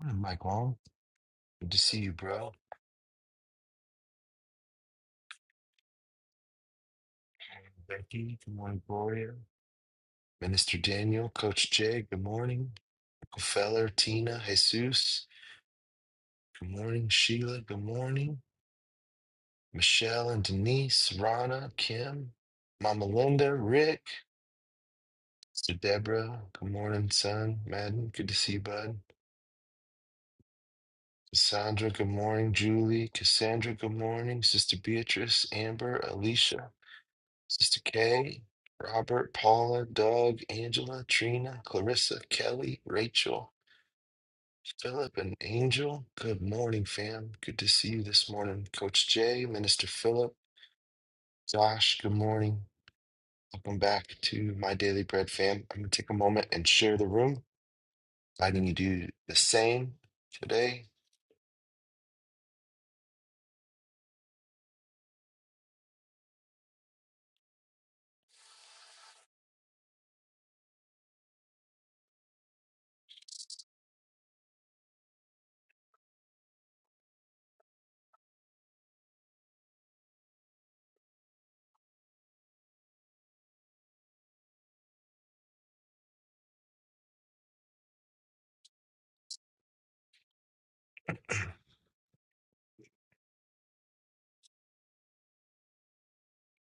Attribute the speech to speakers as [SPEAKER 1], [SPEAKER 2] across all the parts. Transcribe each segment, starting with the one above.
[SPEAKER 1] Morning, Michael. Good to see you, bro. Becky, good morning, Gloria. Minister Daniel, Coach Jay, good morning. Uncle Feller, Tina, Jesus, good morning. Sheila, good morning. Michelle and Denise, Rana, Kim, Mama Linda, Rick, Sister Deborah, good morning, son. Madden, good to see you, bud. Cassandra, good morning. Julie, Cassandra, good morning. Sister Beatrice, Amber, Alicia, Sister Kay, Robert, Paula, Doug, Angela, Trina, Clarissa, Kelly, Rachel, Philip, and Angel. Good morning, fam. Good to see you this morning. Coach Jay, Minister Philip, Josh, good morning. Welcome back to My Daily Bread, fam. I'm going to take a moment and share the room, inviting you to do the same today.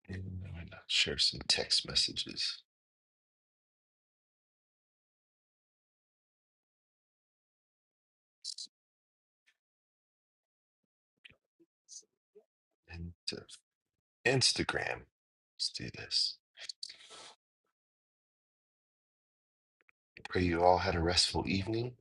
[SPEAKER 1] And I'm going to share some text messages and uh, Instagram. Let's do this. Pray you all had a restful evening.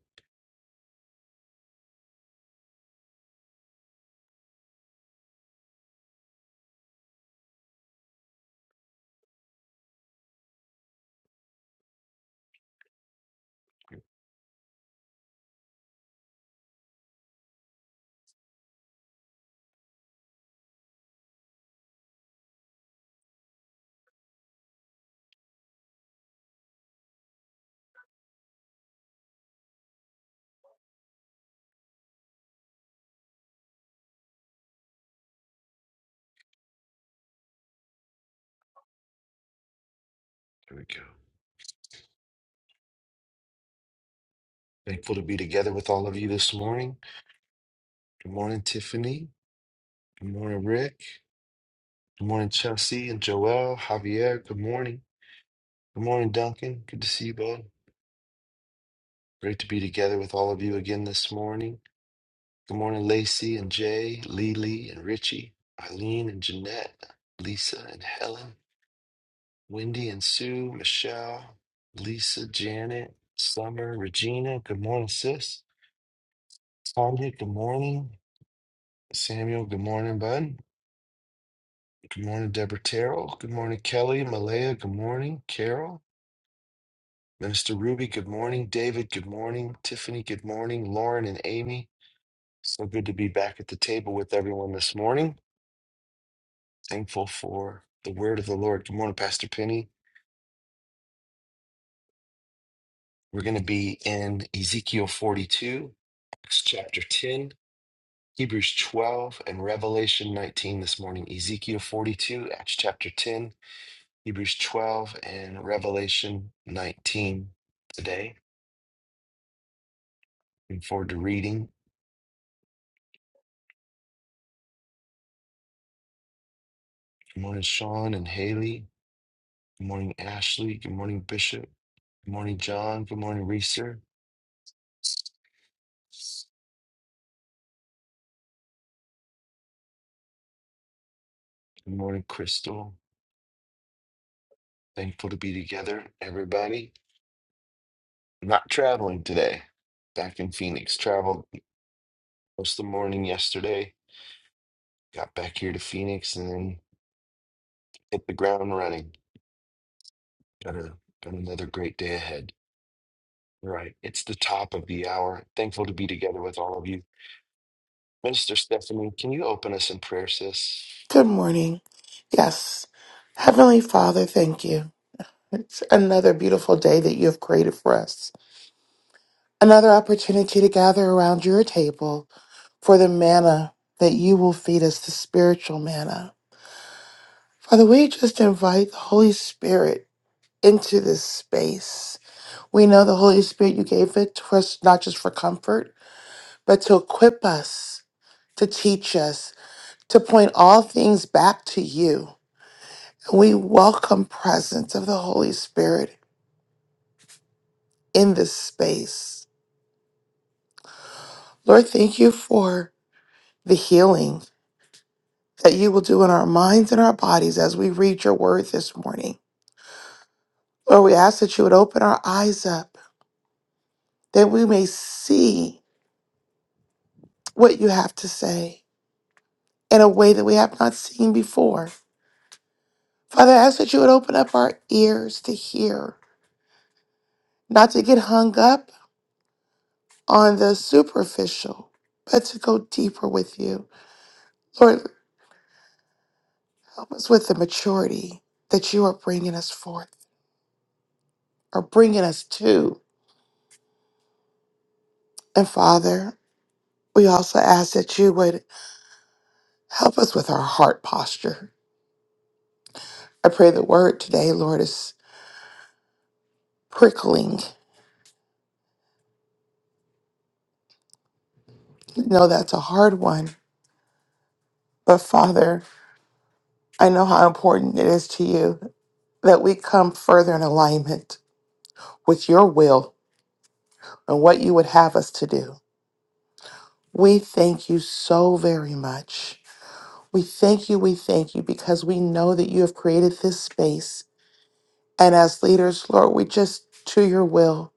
[SPEAKER 1] Here we go. Thankful to be together with all of you this morning. Good morning, Tiffany. Good morning, Rick. Good morning, Chelsea and Joelle. Javier. Good morning. Good morning, Duncan. Good to see you both. Great to be together with all of you again this morning. Good morning, Lacey and Jay, Lily and Richie, Eileen and Jeanette, Lisa and Helen, Wendy and Sue, Michelle, Lisa, Janet, Summer, Regina. Good morning, sis. Tanya, good morning. Samuel, good morning, bud. Good morning, Deborah Terrell. Good morning, Kelly. Malaya, good morning. Carol. Minister Ruby, good morning. David, good morning. Tiffany, good morning. Lauren and Amy. So good to be back at the table with everyone this morning. Thankful for the word of the Lord. Good morning, Pastor Penny. We're going to be in Ezekiel 42, Acts chapter 10, Hebrews 12, and Revelation 19 this morning. Ezekiel 42, Acts chapter 10, Hebrews 12, and Revelation 19 today. Looking forward to reading. Good morning, Sean and Haley. Good morning, Ashley. Good morning, Bishop. Good morning, John. Good morning, Reeser. Good morning, Crystal. Thankful to be together, everybody. I'm not traveling today. Back in Phoenix. Traveled most of the morning yesterday. Got back here to Phoenix and then hit the ground running. Got a got another great day ahead. All Right. It's the top of the hour. Thankful to be together with all of you. Minister Stephanie, can you open us in prayer, sis?
[SPEAKER 2] Good morning. Yes. Heavenly Father, thank you. It's another beautiful day that you have created for us. Another opportunity to gather around your table for the manna that you will feed us, the spiritual manna. Father, we just invite the Holy Spirit into this space. We know the Holy Spirit, you gave it to us not just for comfort, but to equip us, to teach us, to point all things back to you. We welcome presence of the Holy Spirit in this space. Lord, thank you for the healing that you will do in our minds and our bodies as we read your word this morning. Lord, we ask that you would open our eyes up that we may see what you have to say in a way that we have not seen before. Father, I ask that you would open up our ears to hear, not to get hung up on the superficial, but to go deeper with you. Lord, Help us with the maturity that you are bringing us forth or bringing us to. And Father, we also ask that you would help us with our heart posture. I pray the word today, Lord, is prickling. I know that's a hard one, but Father, I know how important it is to you that we come further in alignment with your will and what you would have us to do. We thank you so very much. We thank you, we thank you, because we know that you have created this space And as leaders, Lord, we just to your will.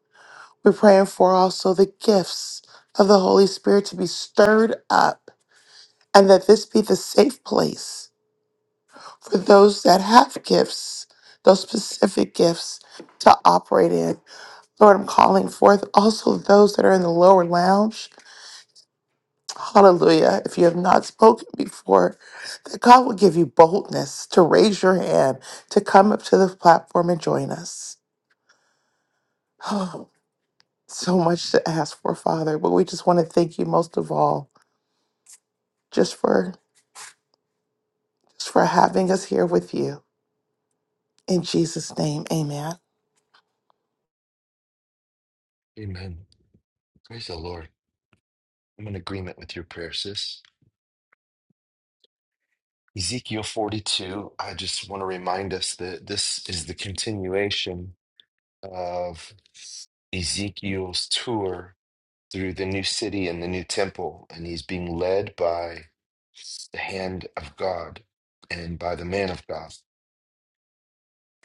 [SPEAKER 2] We're praying for also the gifts of the Holy Spirit to be stirred up and that this be the safe place for those that have gifts, those specific gifts to operate in. Lord, I'm calling forth also those that are in the lower lounge. Hallelujah. If you have not spoken before, that God will give you boldness to raise your hand, to come up to the platform and join us. so much to ask for, Father, but we just want to thank you most of all just for just for having us here with you. In Jesus' name, amen.
[SPEAKER 1] Amen. Praise the Lord. I'm in agreement with your prayer, sis. Ezekiel 42, I just want to remind us that this is the continuation of Ezekiel's tour through the new city and the new temple, and he's being led by the hand of God and by the man of God.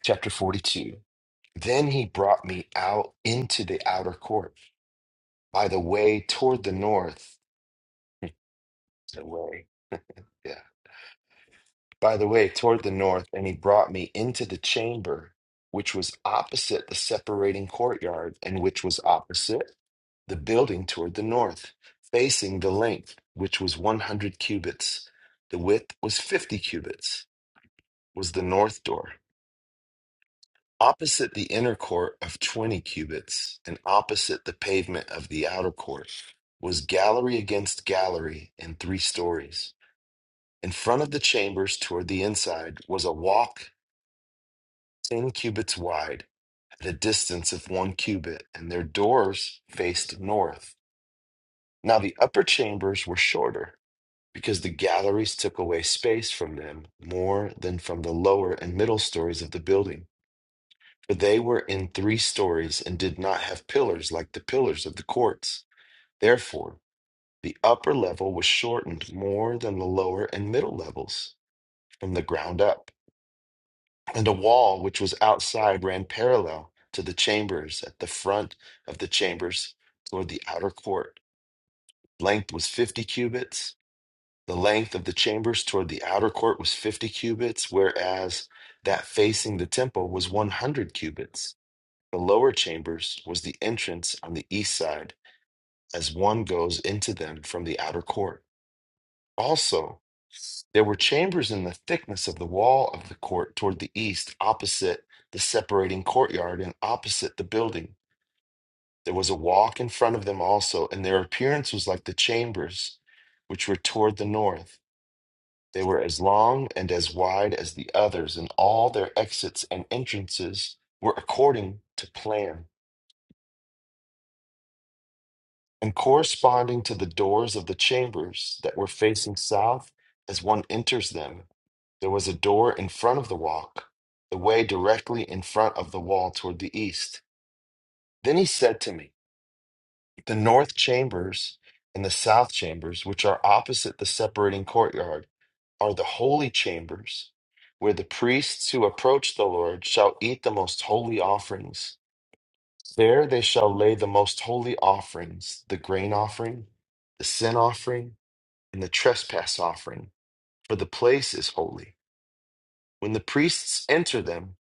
[SPEAKER 1] Chapter 42. Then he brought me out into the outer court by the way toward the north. The way. Yeah. by the way, toward the north, and he brought me into the chamber which was opposite the separating courtyard, and which was opposite the building toward the north, facing the length, which was 100 cubits. The width was 50 cubits, was the north door. Opposite the inner court of 20 cubits, and opposite the pavement of the outer court, was gallery against gallery in three stories. In front of the chambers toward the inside was a walk ten cubits wide, at a distance of one cubit, and their doors faced north. Now the upper chambers were shorter, because the galleries took away space from them more than from the lower and middle stories of the building, for they were in three stories and did not have pillars like the pillars of the courts. Therefore, the upper level was shortened more than the lower and middle levels from the ground up and a wall which was outside ran parallel to the chambers at the front of the chambers toward the outer court. Length was 50 cubits. The length of the chambers toward the outer court was 50 cubits, whereas that facing the temple was 100 cubits. The lower chambers was the entrance on the east side, as one goes into them from the outer court. Also, There were chambers in the thickness of the wall of the court toward the east, opposite the separating courtyard and opposite the building. There was a walk in front of them also, and their appearance was like the chambers which were toward the north. They were as long and as wide as the others, and all their exits and entrances were according to plan. and corresponding to the doors of the chambers that were facing south as one enters them, there was a door in front of the walk, the way directly in front of the wall toward the east. Then he said to me, The north chambers and the south chambers, which are opposite the separating courtyard, are the holy chambers, where the priests who approach the Lord shall eat the most holy offerings. There they shall lay the most holy offerings, the grain offering, the sin offering and the trespass offering, for the place is holy. When the priests enter them,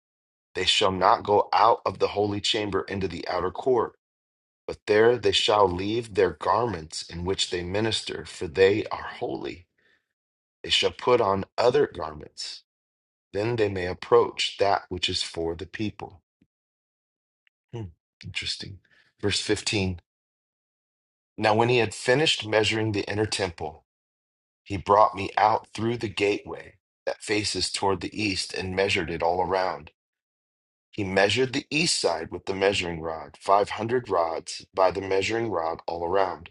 [SPEAKER 1] they shall not go out of the holy chamber into the outer court, but there they shall leave their garments in which they minister, for they are holy. They shall put on other garments. Then they may approach that which is for the people. Hmm, interesting. Verse 15. Now, when he had finished measuring the inner temple, He brought me out through the gateway that faces toward the east and measured it all around. He measured the east side with the measuring rod, 500 rods by the measuring rod all around.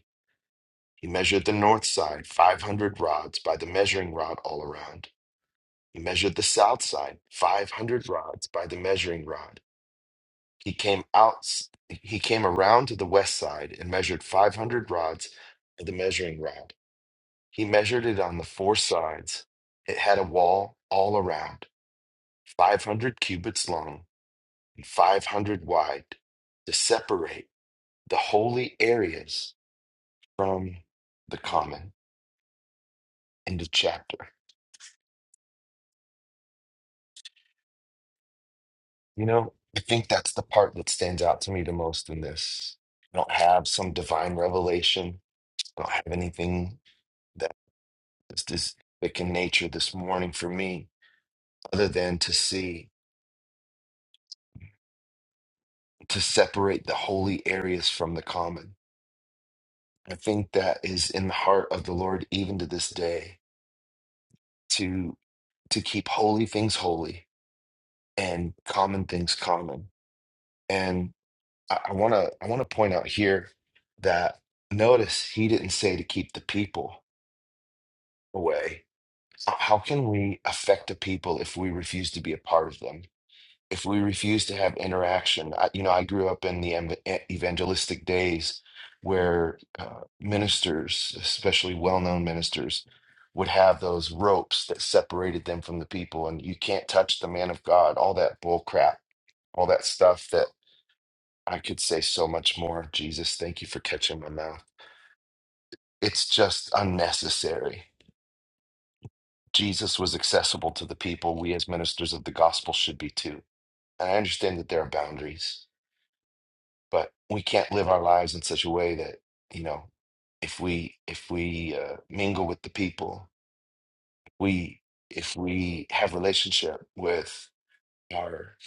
[SPEAKER 1] He measured the north side, 500 rods by the measuring rod all around. He measured the south side, 500 rods by the measuring rod. He came out he came around to the west side and measured 500 rods by the measuring rod. He measured it on the four sides. It had a wall all around, 500 cubits long and 500 wide, to separate the holy areas from the common. End of chapter. You know, I think that's the part that stands out to me the most in this. I don't have some divine revelation. I don't have anything that is this thick in nature this morning for me, other than to see, to separate the holy areas from the common I think that is in the heart of the Lord even to this day to to keep holy things holy and common things common. And I, I wanna I wanna point out here that notice he didn't say to keep the people away. How how can we affect the people if we refuse to be a part of them? if we refuse to have interaction, I, you know, I grew up in the ev- e-, evangelistic days where uh, ministers, especially well-known ministers, would have those ropes that separated them from the people, and you can't touch the man of God, all that bull crap, all that stuff that I could say so much more. Jesus, thank you for catching my mouth. It's just unnecessary. Jesus was accessible to the people. We, as ministers of the gospel, should be too. And I understand that there are boundaries but we can't live our lives in such a way that you know if we if we uh, mingle with the people we if we have relationship with our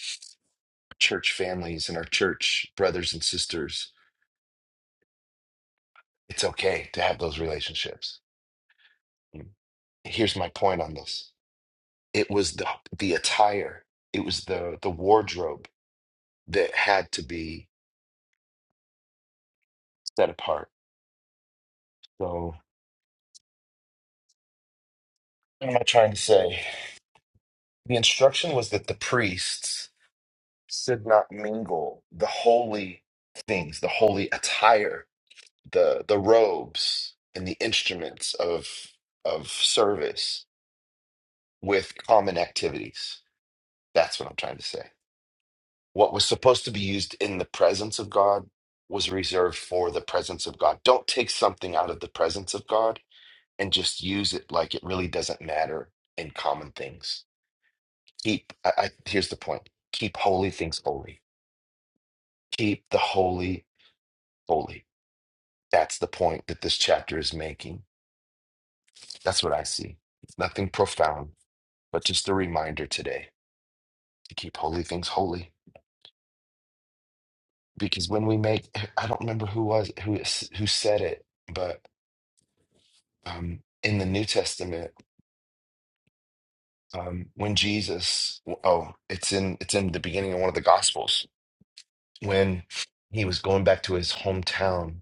[SPEAKER 1] church families and our church brothers and sisters it's okay to have those relationships Mm. here's my point on this it was the the attire it was the the wardrobe that had to be set apart so what am i trying to say the instruction was that the priests should not mingle the holy things, the holy attire, the the robes and the instruments of of service with common activities. That's what I'm trying to say. What was supposed to be used in the presence of God was reserved for the presence of God. Don't take something out of the presence of God and just use it like it really doesn't matter in common things. Keep I, I here's the point. Keep holy things holy. Keep the holy holy That's the point that this chapter is making. That's what I see. Nothing profound, but just a reminder today to keep holy things holy. Because when we make, I don't remember who was who who said it, but um, in the New Testament, um, when Jesus, oh, it's in it's in the beginning of one of the Gospels when he was going back to his hometown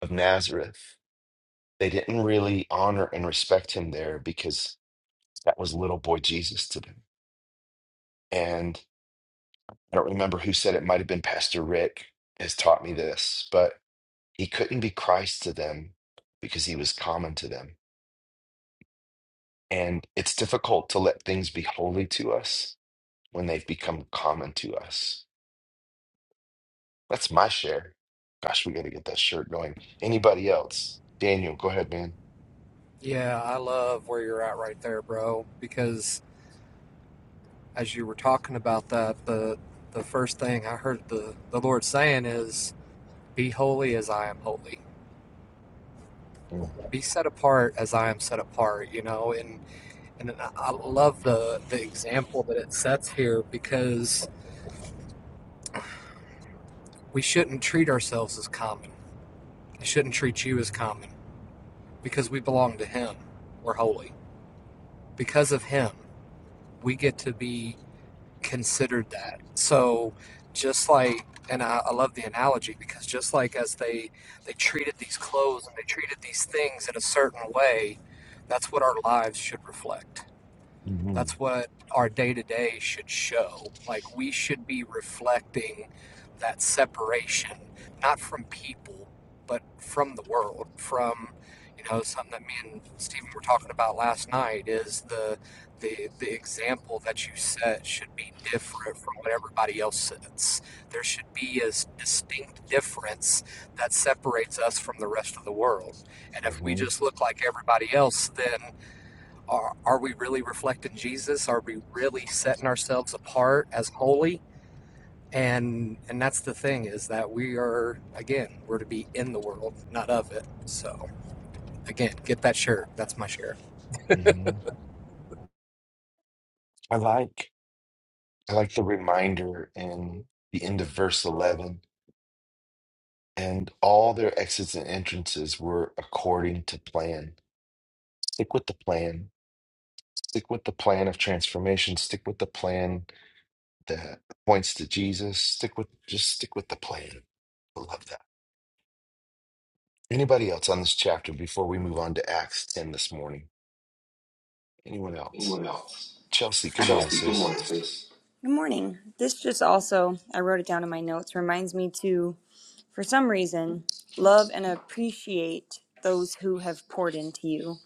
[SPEAKER 1] of Nazareth. They didn't really honor and respect him there because that was little boy Jesus to them. And I don't remember who said it might have been Pastor Rick has taught me this, but he couldn't be Christ to them because he was common to them. And it's difficult to let things be holy to us when they've become common to us. That's my share. Gosh, we got to get that shirt going. Anybody else? Daniel, go ahead, man.
[SPEAKER 3] Yeah, I love where you're at right there, bro. Because as you were talking about that, the the first thing I heard the, the Lord saying is, Be holy as I am holy.
[SPEAKER 1] Mm,
[SPEAKER 3] Be set apart as I am set apart, you know, and and I love the, the example that it sets here because we shouldn't treat ourselves as common. I shouldn't treat you as common because we belong to him. We're holy. Because of him, we get to be considered that. So just like, and I, I love the analogy because just like as they they treated these clothes and they treated these things in a certain way, that's what our lives should reflect.
[SPEAKER 1] Mm-hmm.
[SPEAKER 3] That's what our day to day should show. Like, we should be reflecting that separation, not from people, but from the world. From, you know, something that me and Stephen were talking about last night is the, the, the example that you set should be different from what everybody else sets. There should be a distinct difference that separates us from the rest of the world. And if we just look like everybody else, then are, are we really reflecting Jesus? Are we really setting ourselves apart as holy? And and that's the thing is that we are again we're to be in the world, not of it. So again, get that shirt. That's my shirt.
[SPEAKER 1] hmm I like. I like the reminder in the end of verse 11 and all their exits and entrances were according to plan. Stick with the plan. Stick with the plan of transformation. Stick with the plan that points to Jesus. Stick with just stick with the plan. I love that. Anybody else on this chapter before we move on to Acts 10 this morning? Anyone else?
[SPEAKER 4] Anyone else?
[SPEAKER 1] Chelsea, good
[SPEAKER 4] Okay.
[SPEAKER 1] morning,
[SPEAKER 4] Chelsea, good
[SPEAKER 1] sis.
[SPEAKER 4] morning, sis. Good morning. This just also, I wrote it down in my notes, reminds me to, for some reason, love and appreciate those who have poured into you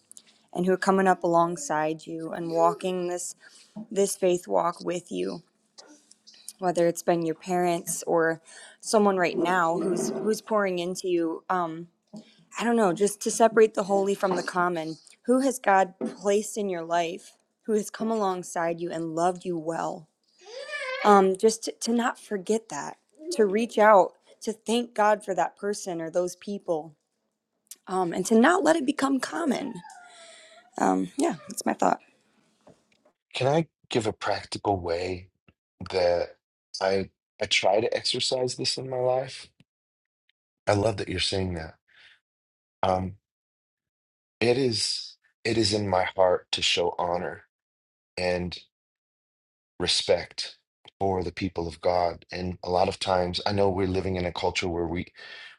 [SPEAKER 4] and who are coming up alongside you and walking this this faith walk with you whether it's been your parents or someone right now who's who's pouring into you Um, I don't know, just to separate the holy from the common. Who has God placed in your life? Who has come alongside you and loved you well? Um, just to, to not forget that, to reach out, to thank God for that person or those people, um, and to not let it become common. Um, yeah, that's my thought.
[SPEAKER 1] Can I give a practical way that I I try to exercise this in my life? I love that you're saying that. Um, it is it is in my heart to show honor and respect for the people of God. And a lot of times, I know we're living in a culture where we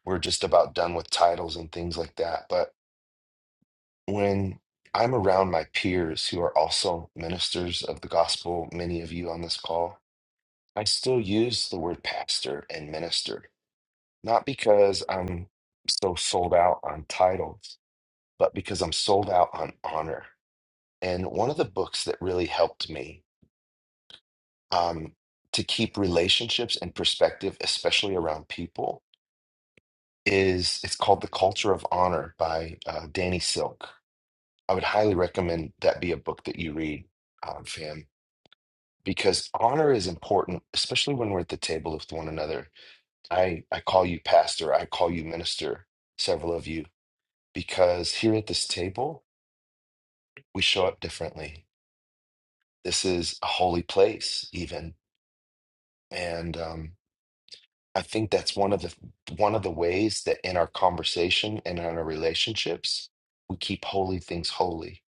[SPEAKER 1] we're just about done with titles and things like that. But when I'm around my peers who are also ministers of the gospel, many of you on this call, I still use the word pastor and minister, not because I'm so sold out on titles, but because I'm sold out on honor And one of the books that really helped me um, to keep relationships in perspective, especially around people, is it's called The Culture of Honor by uh, Danny Silk. I would highly recommend that be a book that you read, um, fam, because honor is important, especially when we're at the table with one another. I, I call you pastor, I call you minister, several of you, because here at this table, we show up differently. This is a holy place, even. And um, I think that's one of the one of the ways that in our conversation and in our relationships we keep holy things holy.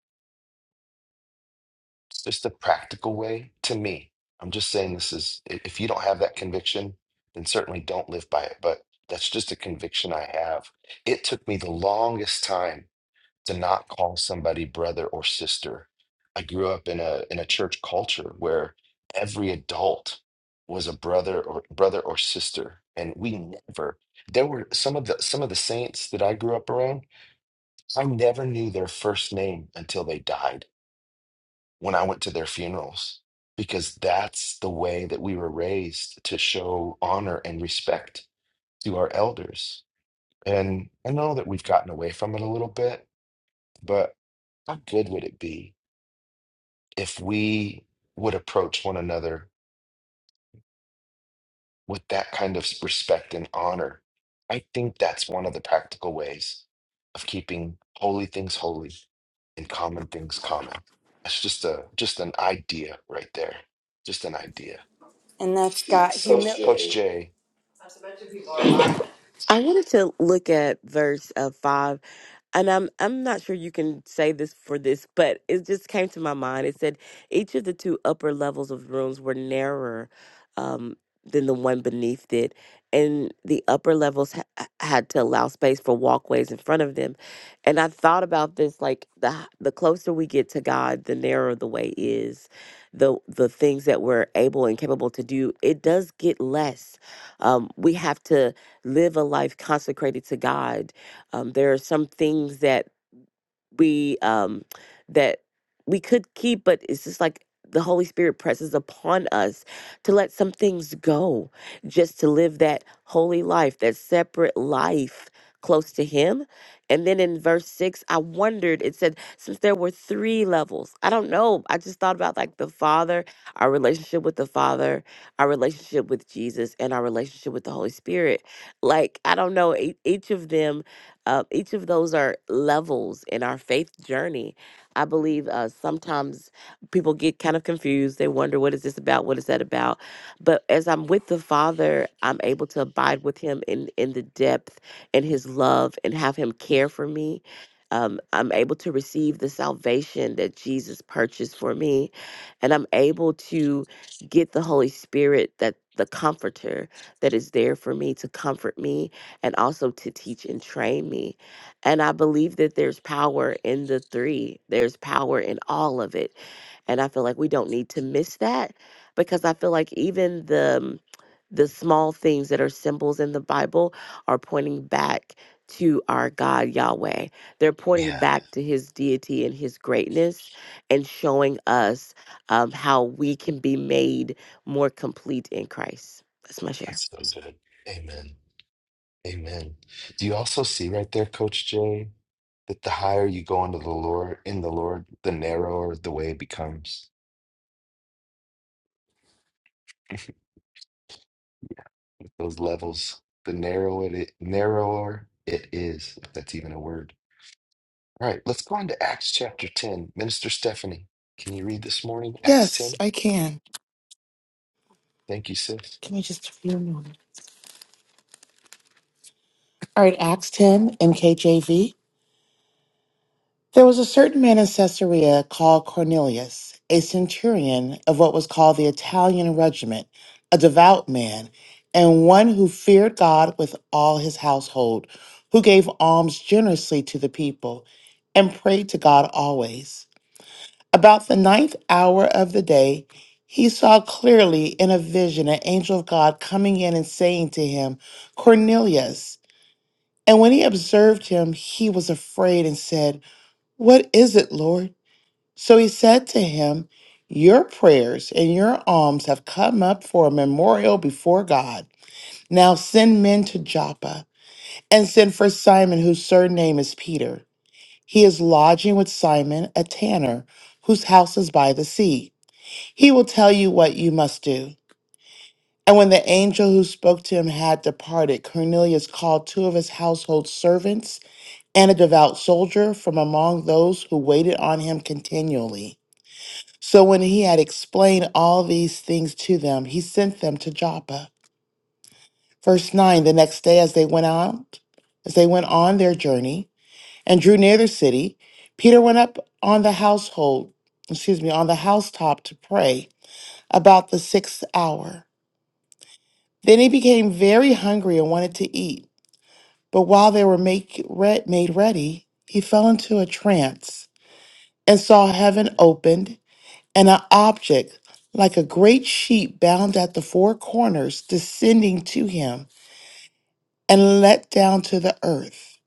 [SPEAKER 1] It's just a practical way to me. I'm just saying this is i- if you don't have that conviction, then certainly don't live by it. But that's just a conviction I have. It took me the longest time to not call somebody brother or sister. I grew up in a in a church culture where every adult was a brother or brother or sister, and we never. There were some of the some of the saints that I grew up around. I never knew their first name until they died. When I went to their funerals, because that's the way that we were raised to show honor and respect to our elders. And I know that we've gotten away from it a little bit, but how good would it be if we would approach one another with that kind of respect and honor, I think that's one of the practical ways of keeping holy things holy and common things common. That's just a just an idea right there. Just an idea.
[SPEAKER 4] And that's
[SPEAKER 1] Let's
[SPEAKER 4] got
[SPEAKER 1] see. Coach
[SPEAKER 4] humility.
[SPEAKER 1] Jay.
[SPEAKER 5] I wanted to look at verse uh, 5 and I'm I'm not sure you can say this for this, but it just came to my mind. It said each of the two upper levels of rooms were narrower um, than the one beneath it, and the upper levels ha- had to allow space for walkways in front of them. And I thought about this like the h- the closer we get to God, the narrower the way is. The, the things that we're able and capable to do, it does get less. Um, we have to live a life consecrated to God um, there are some things that we um, that we could keep, but it's just like the Holy Spirit presses upon us to let some things go, just to live that holy life, that separate life close to Him. And then in verse six, I wondered. It said, since there were three levels, I don't know. I just thought about like the Father, our relationship with the Father, our relationship with Jesus, and our relationship with the Holy Spirit. Like I don't know, e- each of them uh, each of those are levels in our faith journey. I believe uh, sometimes people get kind of confused. They wonder, what is this about? What is that about? But as I'm with the Father, I'm able to abide with Him in, in the depth and His love and have Him care for me. Um, I'm able to receive the salvation that Jesus purchased for me. And I'm able to get the Holy Spirit, that the comforter that is there for me to comfort me and also to teach and train me. And I believe that there's power in the three, there's power in all of it. And I feel like we don't need to miss that because I feel like even the um, the small things that are symbols in the Bible are pointing back to our God Yahweh. They're pointing
[SPEAKER 1] Yeah,
[SPEAKER 5] back to his deity and his greatness and showing us um, how we can be made more complete in Christ. That's my share.
[SPEAKER 1] that's so good. Amen. Amen. Do you also see right there, Coach Jay, that the higher you go into the Lord in the Lord, the narrower the way becomes? those levels, the narrower it, narrower it is, if that's even a word. All right, let's go on to Acts chapter 10. Minister Stephanie, can you read this morning? Acts
[SPEAKER 2] Yes,
[SPEAKER 1] 10.
[SPEAKER 2] I can.
[SPEAKER 1] Thank you, sis.
[SPEAKER 2] Can I just a few more? All right, Acts 10 MKJV. There was a certain man in Caesarea called Cornelius, a centurion of what was called the Italian regiment, a devout man, and one who feared God with all his household, who gave alms generously to the people and prayed to God always. About the ninth hour of the day, he saw clearly in a vision an angel of God coming in and saying to him, Cornelius. And when he observed him, he was afraid and said, What is it, Lord? So he said to him, Your prayers and your alms have come up for a memorial before God. Now send men to Joppa and send for Simon, whose surname is Peter. He is lodging with Simon, a tanner, whose house is by the sea. He will tell you what you must do. And when the angel who spoke to him had departed, Cornelius called two of his household servants and a devout soldier from among those who waited on him continually So when he had explained all these things to them, he sent them to Joppa. Verse 9 The next day, as they went out, as they went on their journey and drew near the city, Peter went up on the household, excuse me, on the housetop to pray about the sixth hour. Then he became very hungry and wanted to eat. But while they were make, re- made ready, he fell into a trance and saw heaven opened and an object like a great sheet bound at the four corners descending to him and let down to the earth.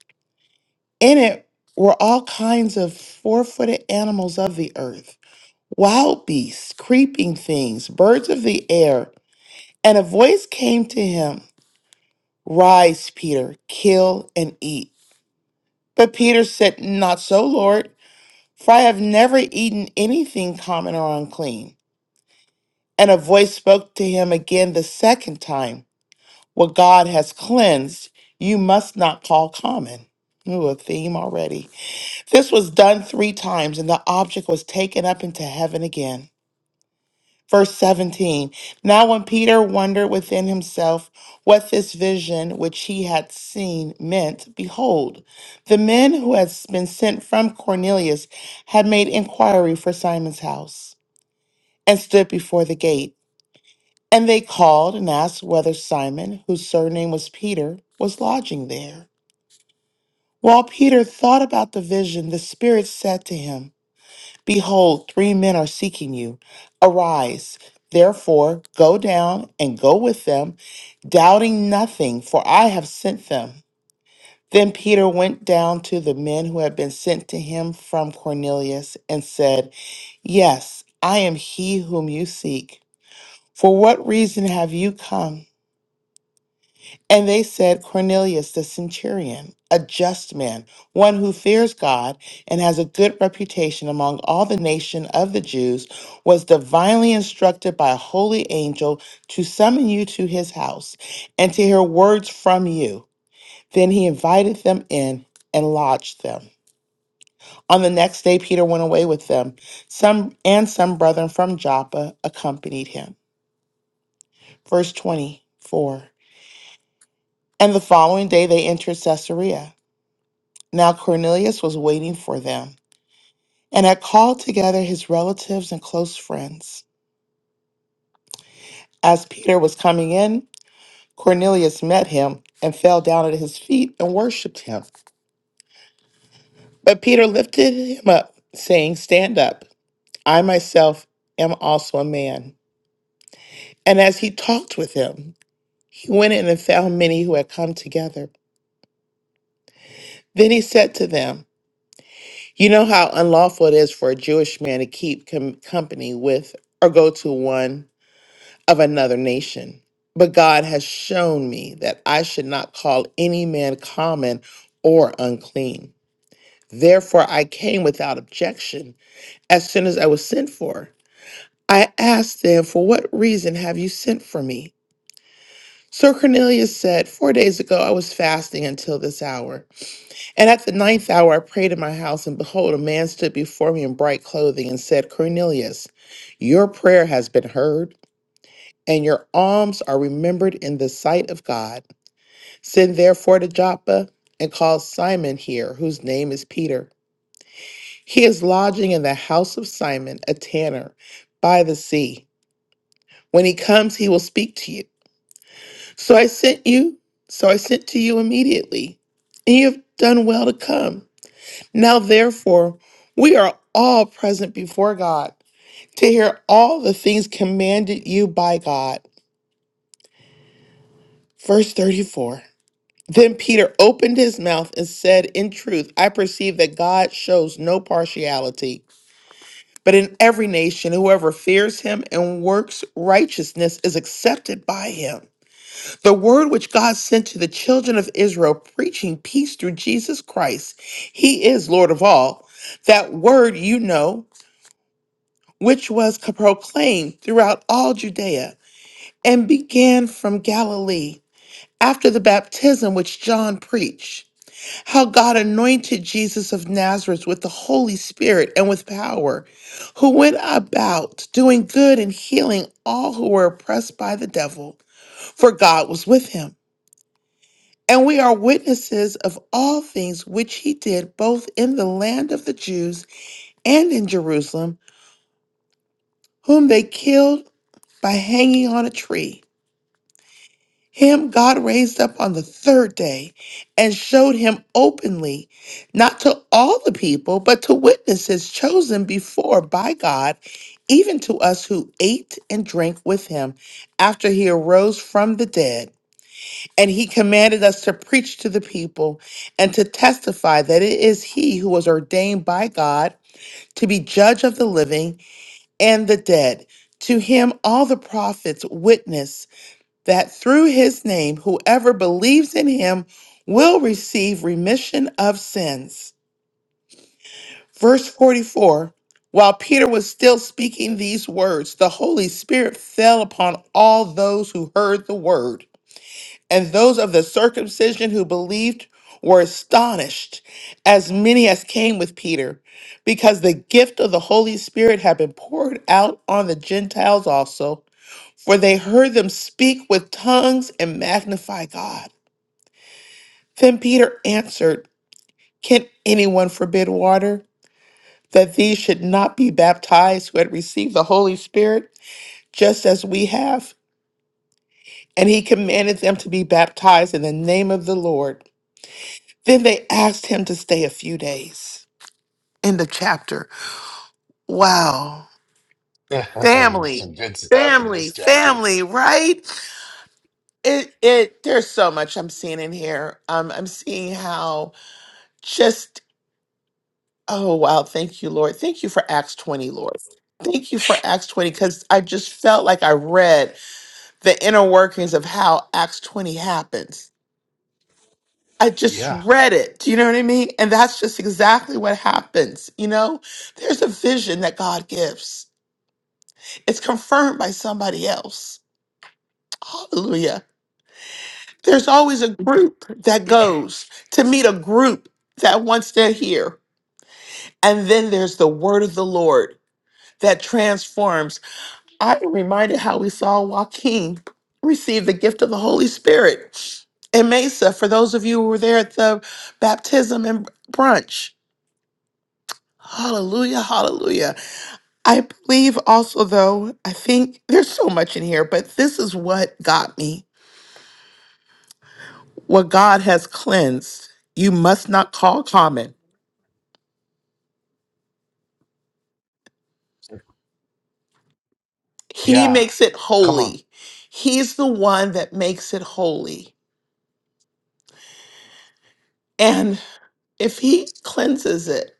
[SPEAKER 2] In it were all kinds of four footed animals of the earth, wild beasts, creeping things, birds of the air. And a voice came to him Rise, Peter, kill and eat. But Peter said, Not so, Lord, for I have never eaten anything common or unclean. And a voice spoke to him again the second time. What God has cleansed, you must not call common. Ooh, a theme already. This was done three times, and the object was taken up into heaven again. Verse 17 Now, when Peter wondered within himself what this vision which he had seen meant, behold, the men who had been sent from Cornelius had made inquiry for Simon's house and stood before the gate and they called and asked whether Simon, whose surname was Peter, was lodging there. While Peter thought about the vision, the Spirit said to him, Behold, three men are seeking you. Arise, therefore, go down and go with them, doubting nothing, for I have sent them. Then Peter went down to the men who had been sent to him from Cornelius and said, Yes, I am he whom you seek. For what reason have you come? And they said, Cornelius the centurion, a just man, one who fears God and has a good reputation among all the nation of the Jews, was divinely instructed by a holy angel to summon you to his house and to hear words from you. Then he invited them in and lodged them. On the next day, Peter went away with them, some and some brethren from Joppa accompanied him. Verse 24. And the following day they entered Caesarea. Now Cornelius was waiting for them and had called together his relatives and close friends. As Peter was coming in, Cornelius met him and fell down at his feet and worshiped him. But Peter lifted him up, saying, Stand up, I myself am also a man. And as he talked with him, he went in and found many who had come together. Then he said to them, You know how unlawful it is for a Jewish man to keep com- company with or go to one of another nation. But God has shown me that I should not call any man common or unclean. Therefore, I came without objection as soon as I was sent for. I asked them, For what reason have you sent for me? Sir Cornelius said, Four days ago I was fasting until this hour. And at the ninth hour I prayed in my house, and behold, a man stood before me in bright clothing and said, Cornelius, your prayer has been heard. and your alms are remembered in the sight of God. Send therefore to Joppa and call Simon here, whose name is Peter. He is lodging in the house of Simon, a tanner, by the sea. When he comes, he will speak to you. So I sent you, so I sent to you immediately, and you have done well to come. Now therefore, we are all present before God to hear all the things commanded you by God. Verse 34. Then Peter opened his mouth and said, In truth, I perceive that God shows no partiality, but in every nation, whoever fears him and works righteousness is accepted by him. The word which God sent to the children of Israel, preaching peace through Jesus Christ, he is Lord of all. That word you know, which was proclaimed throughout all Judea and began from Galilee after the baptism which John preached. how God anointed Jesus of Nazareth with the Holy Spirit and with power, who went about doing good and healing all who were oppressed by the devil, for God was with him. And we are witnesses of all things which he did both in the land of the Jews and in Jerusalem, whom they killed by hanging on a tree. Him God raised up on the third day and showed him openly, not to all the people, but to witnesses chosen before by God, even to us who ate and drank with him after he arose from the dead. And he commanded us to preach to the people and to testify that it is he who was ordained by God to be judge of the living and the dead. To him all the prophets witness that through his name, whoever believes in him will receive remission of sins. Verse 44 While Peter was still speaking these words, the Holy Spirit fell upon all those who heard the word, and those of the circumcision who believed were astonished, as many as came with Peter, because the gift of the Holy Spirit had been poured out on the Gentiles also. For they heard them speak with tongues and magnify God. Then Peter answered, Can anyone forbid water that these should not be baptized who had received the Holy Spirit, just as we have? And he commanded them to be baptized in the name of the Lord. Then they asked him to stay a few days. End of chapter. Wow. Family,
[SPEAKER 1] Some good stuff in
[SPEAKER 2] family,
[SPEAKER 1] this chapter.
[SPEAKER 2] family, right? It it there's so much I'm seeing in here. Um, I'm seeing how just Oh, wow. Thank you, Lord. Thank you for Acts 20, Lord. Thank you for Acts 20, because I just felt like I read the inner workings of how Acts 20 happens. I just
[SPEAKER 1] Yeah,
[SPEAKER 2] read it. Do you know what I mean? And that's just exactly what happens. You know, there's a vision that God gives, it's confirmed by somebody else. Hallelujah. There's always a group that goes to meet a group that wants to hear. And then there's the word of the Lord that transforms I am reminded how we saw Joaquin receive the gift of the Holy Spirit in Mesa. For those of you who were there at the baptism and brunch, hallelujah, hallelujah. I believe also, though, I think there's so much in here, but this is what got me. What God has cleansed, you must not call common. He
[SPEAKER 1] yeah.
[SPEAKER 2] makes it
[SPEAKER 1] Come on.
[SPEAKER 2] holy. He's the one that makes it holy. And if He cleanses it,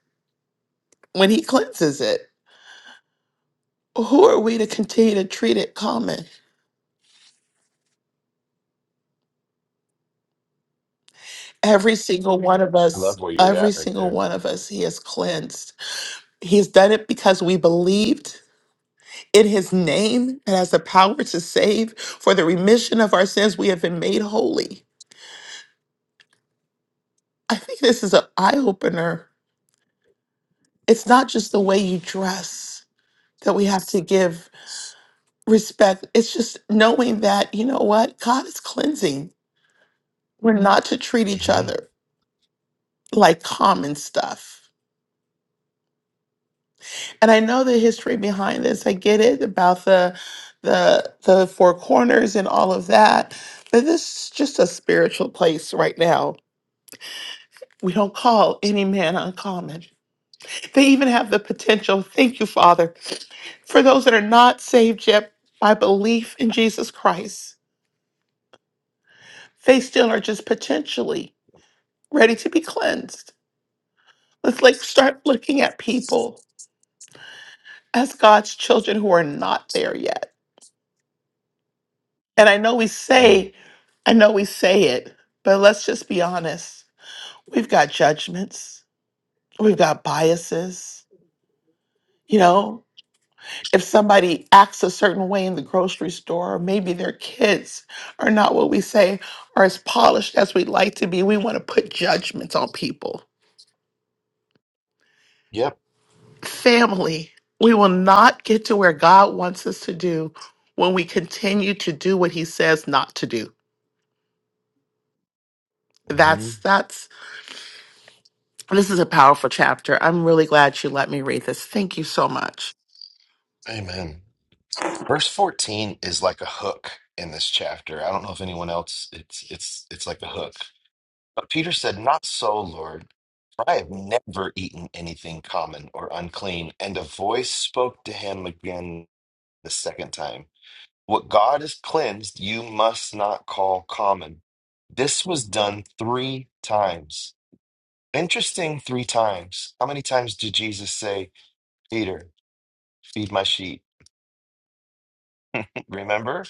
[SPEAKER 2] when He cleanses it, who are we to continue to treat it common? Every single one of
[SPEAKER 1] I
[SPEAKER 2] us,
[SPEAKER 1] love where you're
[SPEAKER 2] every
[SPEAKER 1] at right
[SPEAKER 2] single
[SPEAKER 1] there.
[SPEAKER 2] one of us, he has cleansed. He's done it because we believed in his name and has the power to save. For the remission of our sins, we have been made holy. I think this is an eye opener. It's not just the way you dress that we have to give respect, it's just knowing that, you know what? God is cleansing. We're not to treat each other like common stuff. and I know the history behind this. I get it about the the the four corners and all of that. But this is just a spiritual place right now. We don't call any man uncommon. They even have the potential, thank you, Father, for those that are not saved yet by belief in Jesus Christ. They still are just potentially ready to be cleansed. Let's like start looking at people as God's children who are not there yet And I know we
[SPEAKER 1] hmm
[SPEAKER 2] say, I know we say it, but let's just be honest. We've got judgments, we've got biases. You know, if somebody acts a certain way in the grocery store, or maybe their kids are not what we say are as polished as we'd like to be, we want to put judgments on people.
[SPEAKER 1] Yep.
[SPEAKER 2] Family, we will not get to where God wants us to do when we continue to do what he says not to do.
[SPEAKER 1] hmm
[SPEAKER 2] That's that's This is a powerful chapter. I'm really glad you let me read this. Thank you so much.
[SPEAKER 1] Amen. Verse 14 is like a hook in this chapter. I don't know if anyone else, it's it's it's like a hook. But Peter said, Not so, Lord. I have never eaten anything common or unclean. And a voice spoke to him again the second time. What God has cleansed, you must not call common. This was done three times. Interesting, three times. How many times did Jesus say, Peter, feed my sheep? Remember?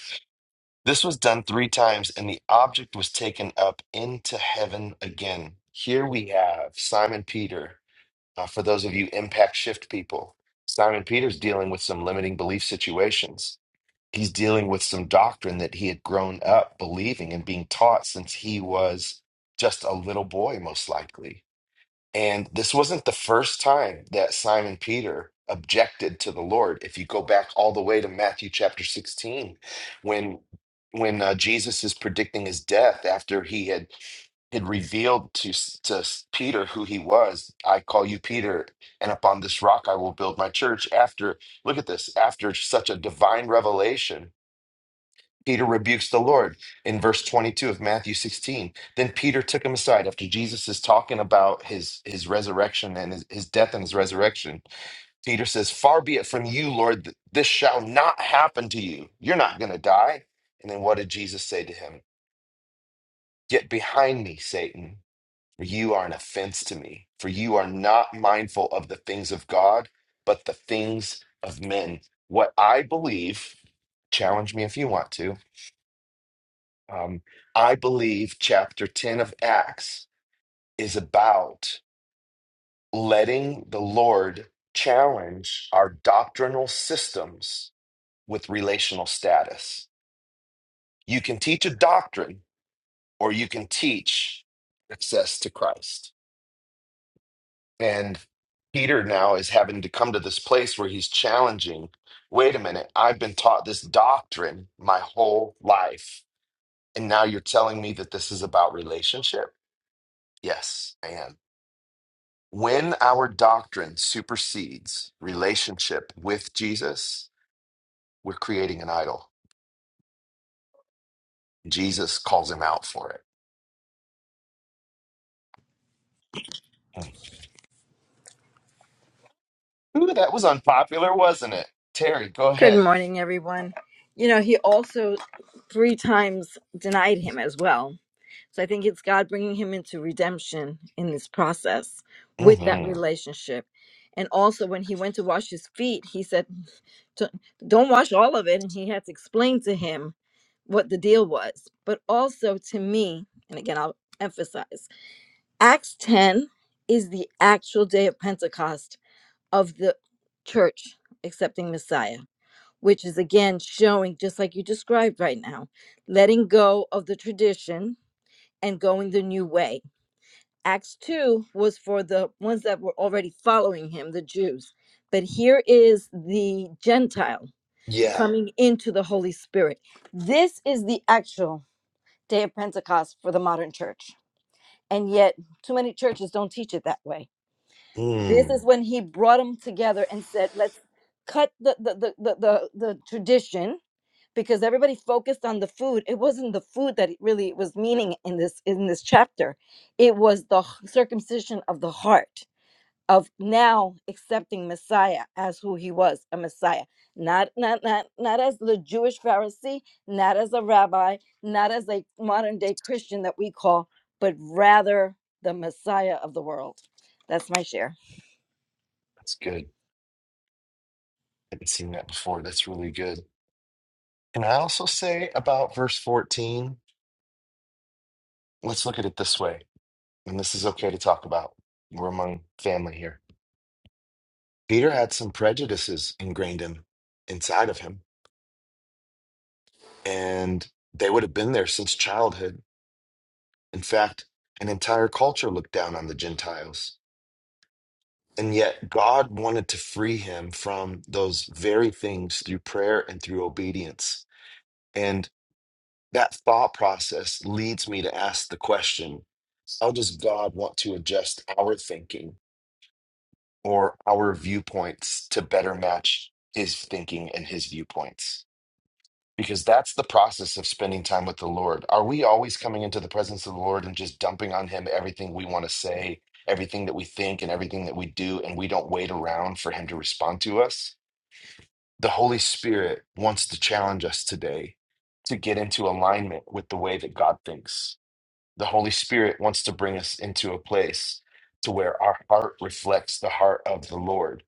[SPEAKER 1] This was done three times, and the object was taken up into heaven again. Here we have Simon Peter. Uh, for those of you impact shift people, Simon Peter's dealing with some limiting belief situations. He's dealing with some doctrine that he had grown up believing and being taught since he was just a little boy, most likely and this wasn't the first time that Simon Peter objected to the Lord. If you go back all the way to Matthew chapter 16, when when uh, Jesus is predicting his death after he had had revealed to S- to S- Peter who he was, I call you Peter, and upon this rock I will build my church. After look at this, after such a divine revelation Peter rebukes the Lord in verse 22 of Matthew 16. Then Peter took him aside after Jesus is talking about his his resurrection and his, his death and his resurrection. Peter says, "Far be it from you, Lord, th- this shall not happen to you. You're not going to die." And then what did Jesus say to him? "Get behind me, Satan, for you are an offense to me, for you are not mindful of the things of God, but the things of men." What I believe, challenge me if you want to Um, I believe chapter 10 of Acts is about letting the Lord challenge our doctrinal systems with relational status. You can teach a doctrine or you can teach access to Christ. And Peter now is having to come to this place where he's challenging wait a minute, I've been taught this doctrine my whole life. And now you're telling me that this is about relationship? Yes, I am. When our doctrine supersedes relationship with Jesus, we're creating an idol. Jesus calls him out for it. Hmm. Ooh, that was unpopular, wasn't it? Terry, go
[SPEAKER 6] Good
[SPEAKER 1] ahead.
[SPEAKER 6] morning, everyone. You know, he also three times denied him as well. So I think it's God bringing him into redemption in this process with that
[SPEAKER 1] hmm
[SPEAKER 6] relationship. And also, when he went to wash his feet, he said, "D- Don't wash all of it. And he had to explain to him what the deal was. But also to me, and again, I'll emphasize Acts 10 is the actual day of Pentecost of the church accepting Messiah which is again showing, just like you described right now, letting go of the tradition and going the new way. Acts 2 was for the ones that were already following him, the Jews. But here is the Gentile
[SPEAKER 1] Yeah.
[SPEAKER 6] coming into the Holy Spirit. This is the actual day of Pentecost for the modern church. And yet, too many churches don't teach it that way. This
[SPEAKER 1] Mm.
[SPEAKER 6] is when he brought them together and said, let's cut the, the, the, the, the, the tradition because everybody focused on the food it wasn't the food that it really was meaning in this in this chapter it was the h- circumcision of the heart of now accepting messiah as who he was a messiah not not not not as the jewish pharisee not as a rabbi not as a modern day christian that we call but rather the messiah of the world that's my share
[SPEAKER 1] That's good. I haven't seen that before. That's really good. Can I also say about verse 14? Let's look at it this way. And this is okay to talk about. We're among family here. Peter had some prejudices ingrained in inside of him and they would have been there since childhood. In fact, an entire culture looked down on the Gentiles. And yet, God wanted to free him from those very things through prayer and through obedience. And that thought process leads me to ask the question how does God want to adjust our thinking or our viewpoints to better match his thinking and his viewpoints? because that's the process of spending time with the Lord. Are we always coming into the presence of the Lord and just dumping on Him everything we want to say, everything that we think, and everything that we do, and we don't wait around for Him to respond to us? The Holy Spirit wants to challenge us today to get into alignment with the way that God thinks. The Holy Spirit wants to bring us into a place to where our heart reflects the heart of the Lord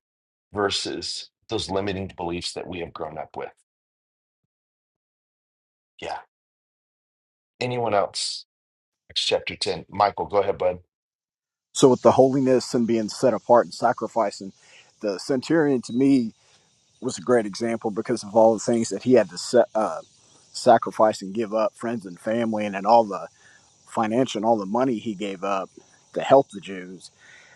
[SPEAKER 1] versus those limiting beliefs that we have grown up with. Yeah. Anyone else? Acts chapter 10. Michael, go ahead, bud.
[SPEAKER 7] So with the holiness and being set apart and sacrificing, the centurion to me was a great example because of all the things that he had to set, uh, sacrifice and give up, friends and family, and then all the financial and all the money he gave up to help the Jews.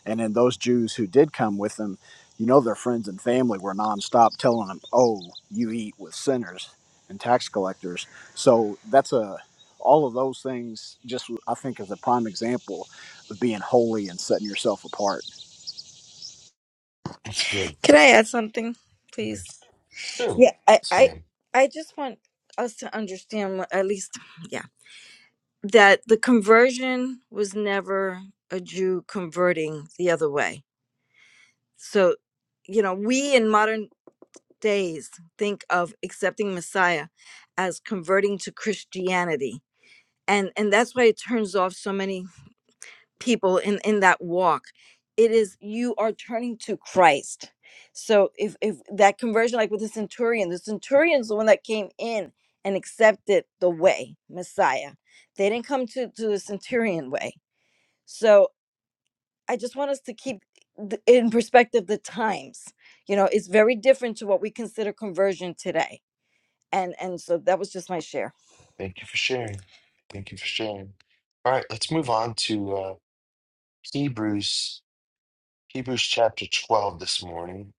[SPEAKER 7] And then those Jews who did come with him, you know, their friends and family were nonstop telling them, "Oh, you eat with sinners and tax collectors." So that's a all of those things. Just I think is a prime example of being holy and setting yourself apart.
[SPEAKER 1] It's good.
[SPEAKER 6] Can I add something, please?
[SPEAKER 1] So,
[SPEAKER 6] yeah I
[SPEAKER 1] yes,
[SPEAKER 6] I
[SPEAKER 1] ma'am.
[SPEAKER 6] I just want us to understand what at least. Yeah. that the conversion was never a Jew converting the other way. So, you know, we in modern days think of accepting Messiah as converting to Christianity. And and that's why it turns off so many people in in that walk. It is you are turning to Christ. So if if that conversion like with the centurion, the centurion's the one that came in and accepted the way, Messiah. They didn't come to to the centurion way so I just want us to keep th- in perspective the times. You know, it's very different to what we consider conversion today. And and so that was just my share.
[SPEAKER 1] Thank you for sharing. Thank you for sharing. All right, let's move on to uh, Hebrews, Hebrews chapter 12 this morning.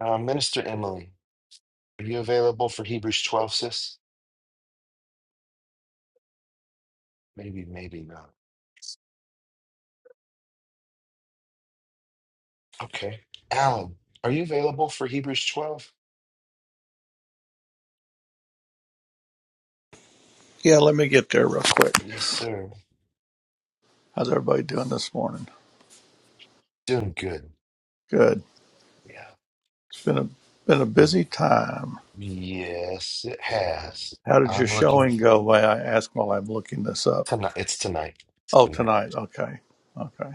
[SPEAKER 1] Uh, Minister Emily, are you available for Hebrews 12, sis? Maybe, maybe not. Okay. Alan, are you available for Hebrews 12?
[SPEAKER 8] Yeah, let me get there real quick.
[SPEAKER 1] Yes, sir.
[SPEAKER 8] How's everybody doing this morning?
[SPEAKER 1] Doing good.
[SPEAKER 8] Good.
[SPEAKER 1] Yeah.
[SPEAKER 8] It's been a been a
[SPEAKER 1] Mm,
[SPEAKER 8] busy time.
[SPEAKER 1] Yes, it has.
[SPEAKER 8] How did your
[SPEAKER 1] I'm looking
[SPEAKER 8] showing go? Why I ask while I'm looking this up.
[SPEAKER 1] tonight. It's tonight. It's
[SPEAKER 8] Oh,
[SPEAKER 1] tonight.
[SPEAKER 8] tonight. Okay. Okay.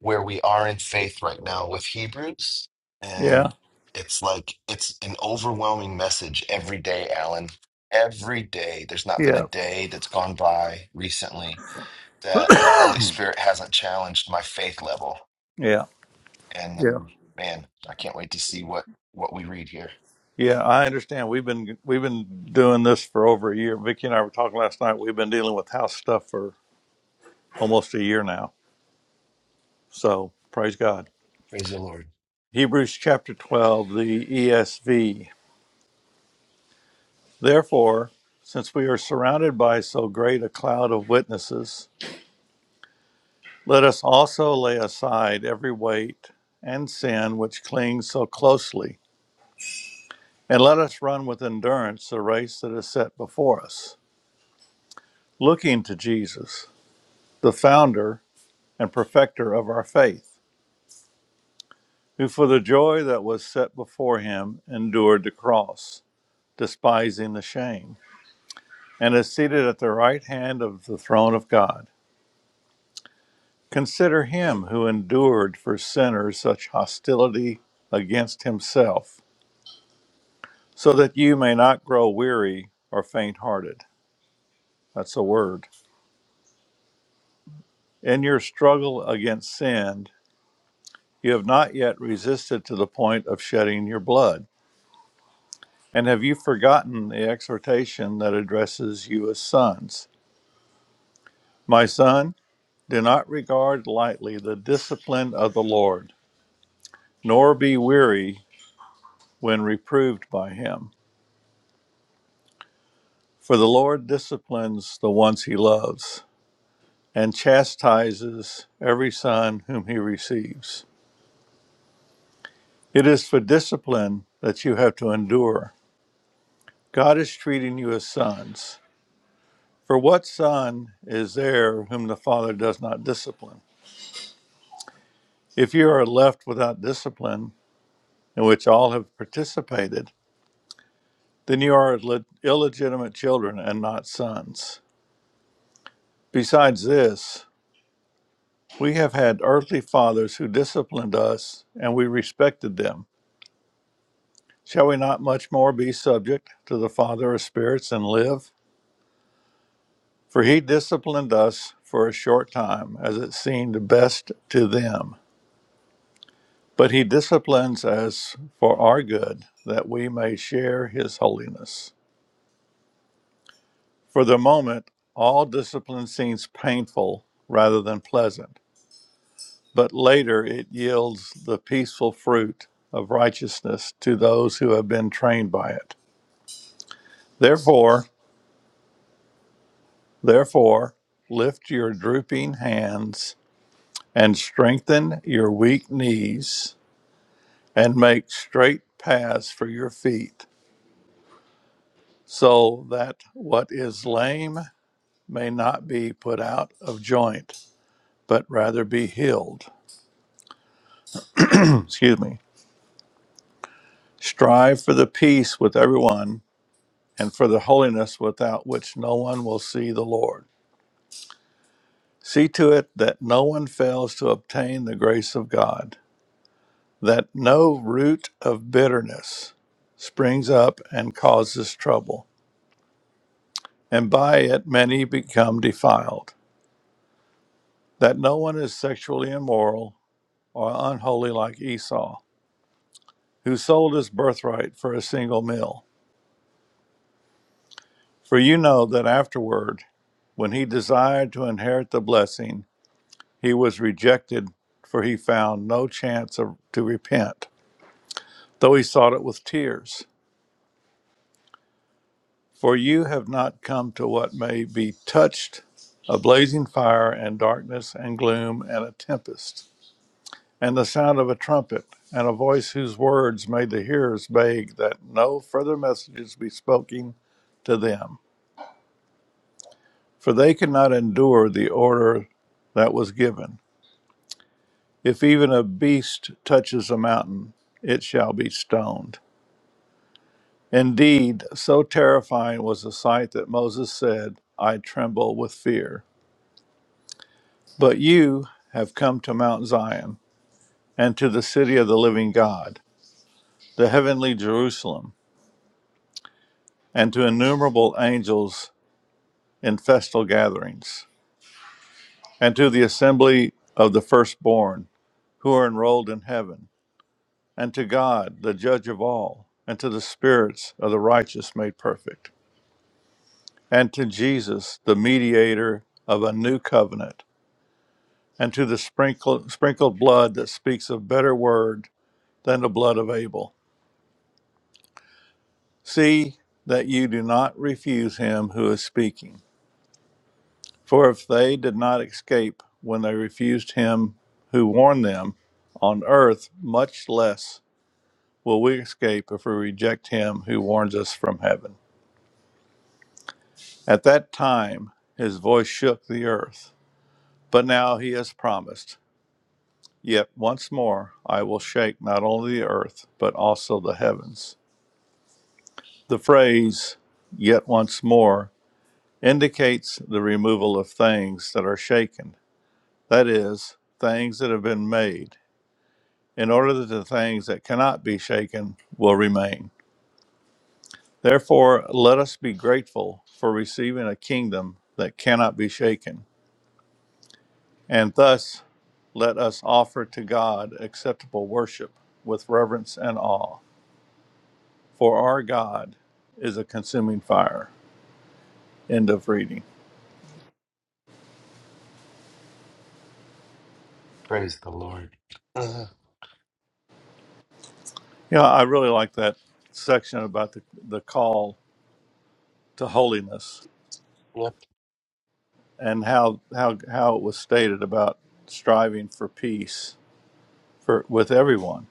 [SPEAKER 1] where we are in faith right now with Hebrews.
[SPEAKER 8] Yeah.
[SPEAKER 1] And it's like, it's an overwhelming message every day, Alan. Every day. There's not been a
[SPEAKER 8] Yeah.
[SPEAKER 1] day that's gone by recently that the Holy Spirit hasn't challenged my faith level.
[SPEAKER 8] yeah.
[SPEAKER 1] And
[SPEAKER 8] Yeah.
[SPEAKER 1] um, man, I can't wait to see what, what we read here.
[SPEAKER 8] Yeah. I understand. We've been we've been doing this for over a year. Vicky and I were talking last night. We've been dealing with house stuff for almost a year now. So praise God.
[SPEAKER 1] Praise the Lord.
[SPEAKER 8] Hebrews chapter twelve, the ESV. Therefore, since we are surrounded by so great a cloud of witnesses, let us also lay aside every weight and sin which clings so closely, and let us run with endurance the race that is set before us, looking to Jesus, the founder and perfecter of our faith, who for the joy that was set before him endured the cross, despising the shame, and is seated at the right hand of the throne of God. Consider him who endured for sinners such hostility against himself, so that you may not grow weary or faint hearted. That's a word. In your struggle against sin, you have not yet resisted to the point of shedding your blood. And have you forgotten the exhortation that addresses you as sons? My son, do not regard lightly the discipline of the Lord, nor be weary when reproved by him. For the Lord disciplines the ones he loves and chastises every son whom he receives. It is for discipline that you have to endure. God is treating you as sons. For what son is there whom the father does not discipline? If you are left without discipline, in which all have participated, then you are illegitimate children and not sons. Besides this, we have had earthly fathers who disciplined us and we respected them. Shall we not much more be subject to the Father of spirits and live? For he disciplined us for a short time, as it seemed best to them. But he disciplines us for our good, that we may share his holiness. For the moment, all discipline seems painful rather than pleasant, but later it yields the peaceful fruit of righteousness to those who have been trained by it. Therefore, Therefore, lift your drooping hands and strengthen your weak knees, and make straight paths for your feet, so that what is lame may not be put out of joint, but rather be healed. Excuse me. Strive for the peace with everyone and for the holiness without which no one will see the Lord. See to it that no one fails to obtain the grace of God that no root of bitterness springs up and causes trouble, and by it many become defiled, that no one is sexually immoral or unholy like Esau, who sold his birthright for a single meal. For you know that afterward, when he desired to inherit the blessing, he was rejected, for he found no chance of, to repent, though he sought it with tears. For you have not come to what may be touched a blazing fire, and darkness, and gloom, and a tempest, and the sound of a trumpet, and a voice whose words made the hearers beg that no further messages be spoken to them. For they could not endure the order that was given. If even a beast touches a mountain, it shall be stoned. Indeed, so terrifying was the sight that Moses said, I tremble with fear. But you have come to Mount Zion, and to the city of the living God, the heavenly Jerusalem, and to innumerable angels in festal gatherings, and to the assembly of the firstborn who are enrolled in heaven, and to God, the judge of all, and to the spirits of the righteous made perfect, and to Jesus, the mediator of a new covenant, and to the sprinkled, sprinkled blood that speaks a better word than the blood of Abel. See that you do not refuse him who is speaking. For if they did not escape when they refused him who warned them on earth, much less will we escape if we reject him who warns us from heaven. At that time, his voice shook the earth, but now he has promised, Yet once more I will shake not only the earth, but also the heavens. The phrase, yet once more, indicates the removal of things that are shaken, that is, things that have been made, in order that the things that cannot be shaken will remain. Therefore, let us be grateful for receiving a kingdom that cannot be shaken, and thus let us offer to God acceptable worship with reverence and awe, for our God is a consuming fire. End of reading.
[SPEAKER 1] Praise the Lord. Uh,
[SPEAKER 8] Yeah, I really like that section about the, the call to holiness
[SPEAKER 1] yep.
[SPEAKER 8] and how how how it was stated about striving for peace for with everyone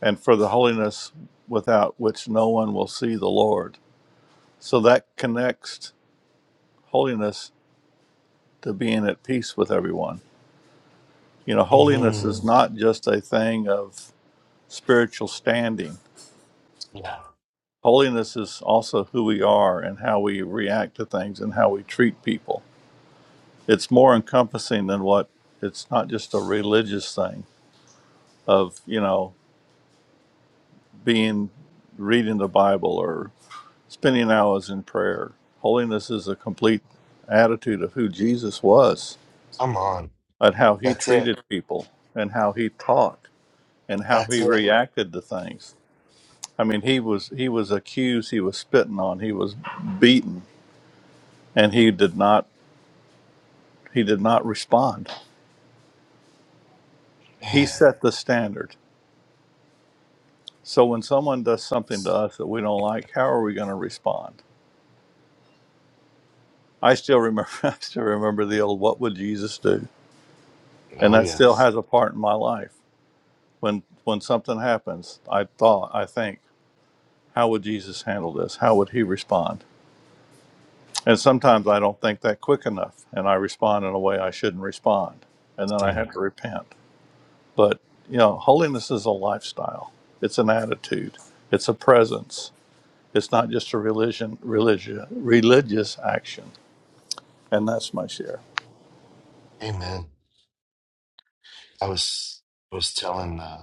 [SPEAKER 8] and for the holiness without which no one will see the Lord. So that connects holiness to being at peace with everyone. You know, holiness
[SPEAKER 1] hmm
[SPEAKER 8] is not just a thing of spiritual standing.
[SPEAKER 1] Yeah.
[SPEAKER 8] Holiness is also who we are and how we react to things and how we treat people. It's more encompassing than what it's not just a religious thing of, you know, being reading the Bible or spending hours in prayer. Holiness is a complete attitude of who Jesus was
[SPEAKER 1] Come on.
[SPEAKER 8] and how he
[SPEAKER 1] That's it.
[SPEAKER 8] treated people and how he taught and how
[SPEAKER 1] That's
[SPEAKER 8] he
[SPEAKER 1] it.
[SPEAKER 8] reacted to things. I mean, he was he was accused, he was spitting on, he was beaten, and he did not he did not respond. He
[SPEAKER 1] Man.
[SPEAKER 8] set the standard. So when someone does something to us that we don't like, how are we going to respond? I still remember I still remember the old what would Jesus do? and
[SPEAKER 1] Oh,
[SPEAKER 8] that still
[SPEAKER 1] yes.
[SPEAKER 8] has a part in my life. When when something happens, I thought, I think, how would Jesus handle this? How would he respond? And sometimes I don't think that quick enough, and I respond in a way I shouldn't respond, and then I have
[SPEAKER 1] Same.
[SPEAKER 8] to repent. But you know, holiness is a lifestyle. It's an attitude. It's a presence. It's not just a religion, religious, religious action. And that's my share.
[SPEAKER 1] Amen. I was was telling uh,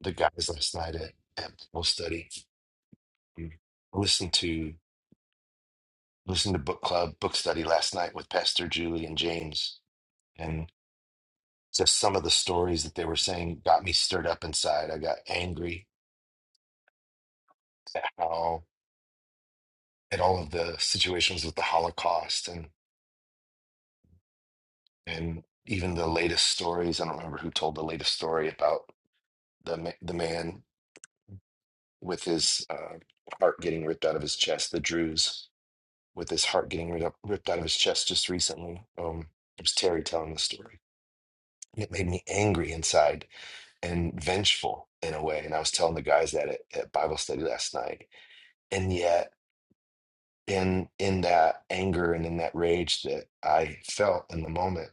[SPEAKER 1] the guys last night at, at Bible study. I listened to listened to book club book study last night with Pastor Julie and James, and just some of the stories that they were saying got me stirred up inside. I got angry at how at all of the situations with the Holocaust and and even the latest stories. I don't remember who told the latest story about the ma- the man with his uh, heart getting ripped out of his chest. The Druze with his heart getting rid up, ripped out of his chest just recently. Um, it was Terry telling the story. And It made me angry inside and vengeful in a way. And I was telling the guys that at, at Bible study last night. And yet, in in that anger and in that rage that I felt in the moment,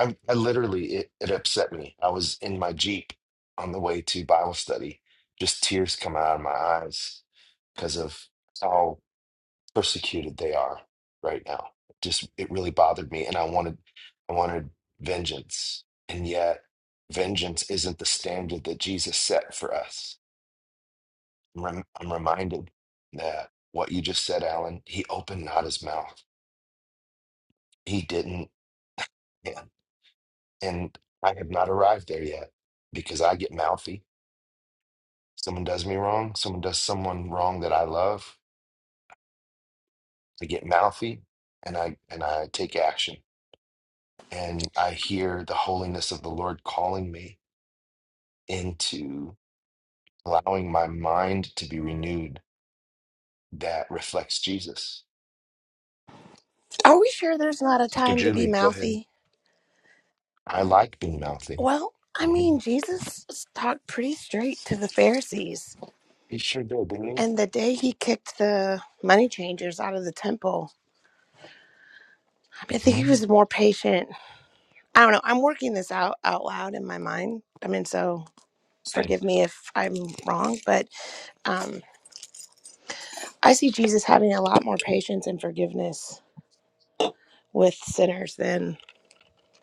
[SPEAKER 1] I, I literally it, it upset me. I was in my jeep on the way to Bible study, just tears coming out of my eyes because of how persecuted they are right now. Just it really bothered me, and I wanted I wanted vengeance, and yet vengeance isn't the standard that Jesus set for us. I'm, rem- I'm reminded that what you just said, Alan, he opened not his mouth. He didn't, and and I have not arrived there yet because I get mouthy. Someone does me wrong. Someone does someone wrong that I love. I get mouthy, and I and I take action and I hear the holiness of the Lord calling me into allowing my mind to be renewed that reflects Jesus.
[SPEAKER 9] Are we sure there's not a
[SPEAKER 1] So,
[SPEAKER 9] time to be
[SPEAKER 1] Julie, go ahead.
[SPEAKER 9] mouthy?
[SPEAKER 1] I like being mouthy.
[SPEAKER 9] Well, I
[SPEAKER 1] hmm
[SPEAKER 9] mean, Jesus talked pretty straight to the Pharisees.
[SPEAKER 1] He sure did, didn't
[SPEAKER 9] And the day he kicked the money changers out of the temple, I, mean,
[SPEAKER 1] he?
[SPEAKER 9] I think he
[SPEAKER 1] hmm
[SPEAKER 9] was more patient. I don't know. I'm working this out out loud in my mind. I mean, so
[SPEAKER 1] Same.
[SPEAKER 9] forgive me if I'm wrong, but um, I see Jesus having a lot more patience and forgiveness with sinners than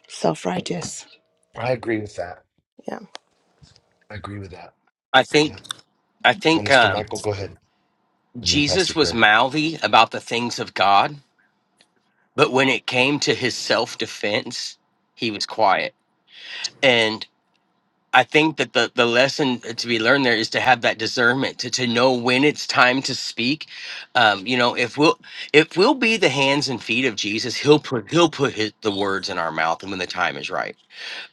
[SPEAKER 9] self righteous.
[SPEAKER 1] I agree with that. I agree with that.
[SPEAKER 10] I
[SPEAKER 1] Yeah.
[SPEAKER 10] think I think
[SPEAKER 1] Minister
[SPEAKER 10] um,
[SPEAKER 1] Michael, go ahead. And then Pastor
[SPEAKER 10] Jesus was
[SPEAKER 1] Greg.
[SPEAKER 10] mouthy about the things of God, but when it came to his self defense, he was quiet. And I think that the the lesson to be learned there is to have that discernment to, to know when it's time to speak. Um, you know, if we'll if we'll be the hands and feet of Jesus, he'll put he'll put his, the words in our mouth, and when the time is right.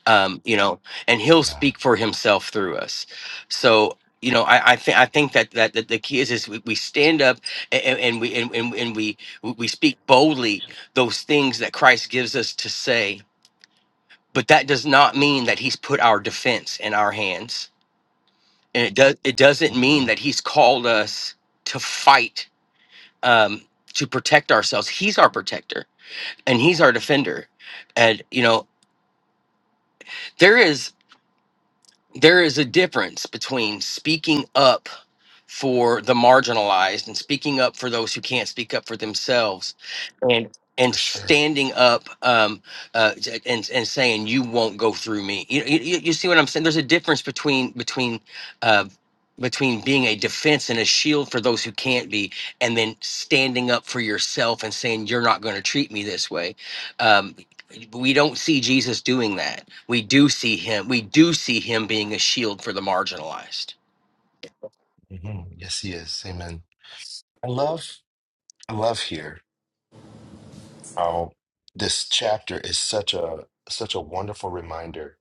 [SPEAKER 10] um, you know, and he'll
[SPEAKER 1] Yeah.
[SPEAKER 10] speak for himself through us. So, you know, I, I think I think that, that that the key is is we, we stand up and, and we and, and, and we we speak boldly those things that Christ gives us to say. But that does not mean that He's put our defense in our hands, and it does it doesn't mean
[SPEAKER 1] hmm
[SPEAKER 10] that He's called us to fight um, to protect ourselves. He's our protector and He's our defender, and you know there is there is a difference between speaking up for the marginalized and speaking up for those who can't speak up for themselves and and
[SPEAKER 1] For sure.
[SPEAKER 10] standing up um, uh, j- and and saying you won't go through me. You, you you see what I'm saying? There's a difference between between uh, between being a defense and a shield for those who can't be, and then standing up for yourself and saying you're not going to treat me this way. Um, we don't see Jesus doing that. We do see him. We do see him being a shield for the marginalized.
[SPEAKER 1] hmm Yes, he is. Amen. I love, I love here how this chapter is such a such a wonderful reminder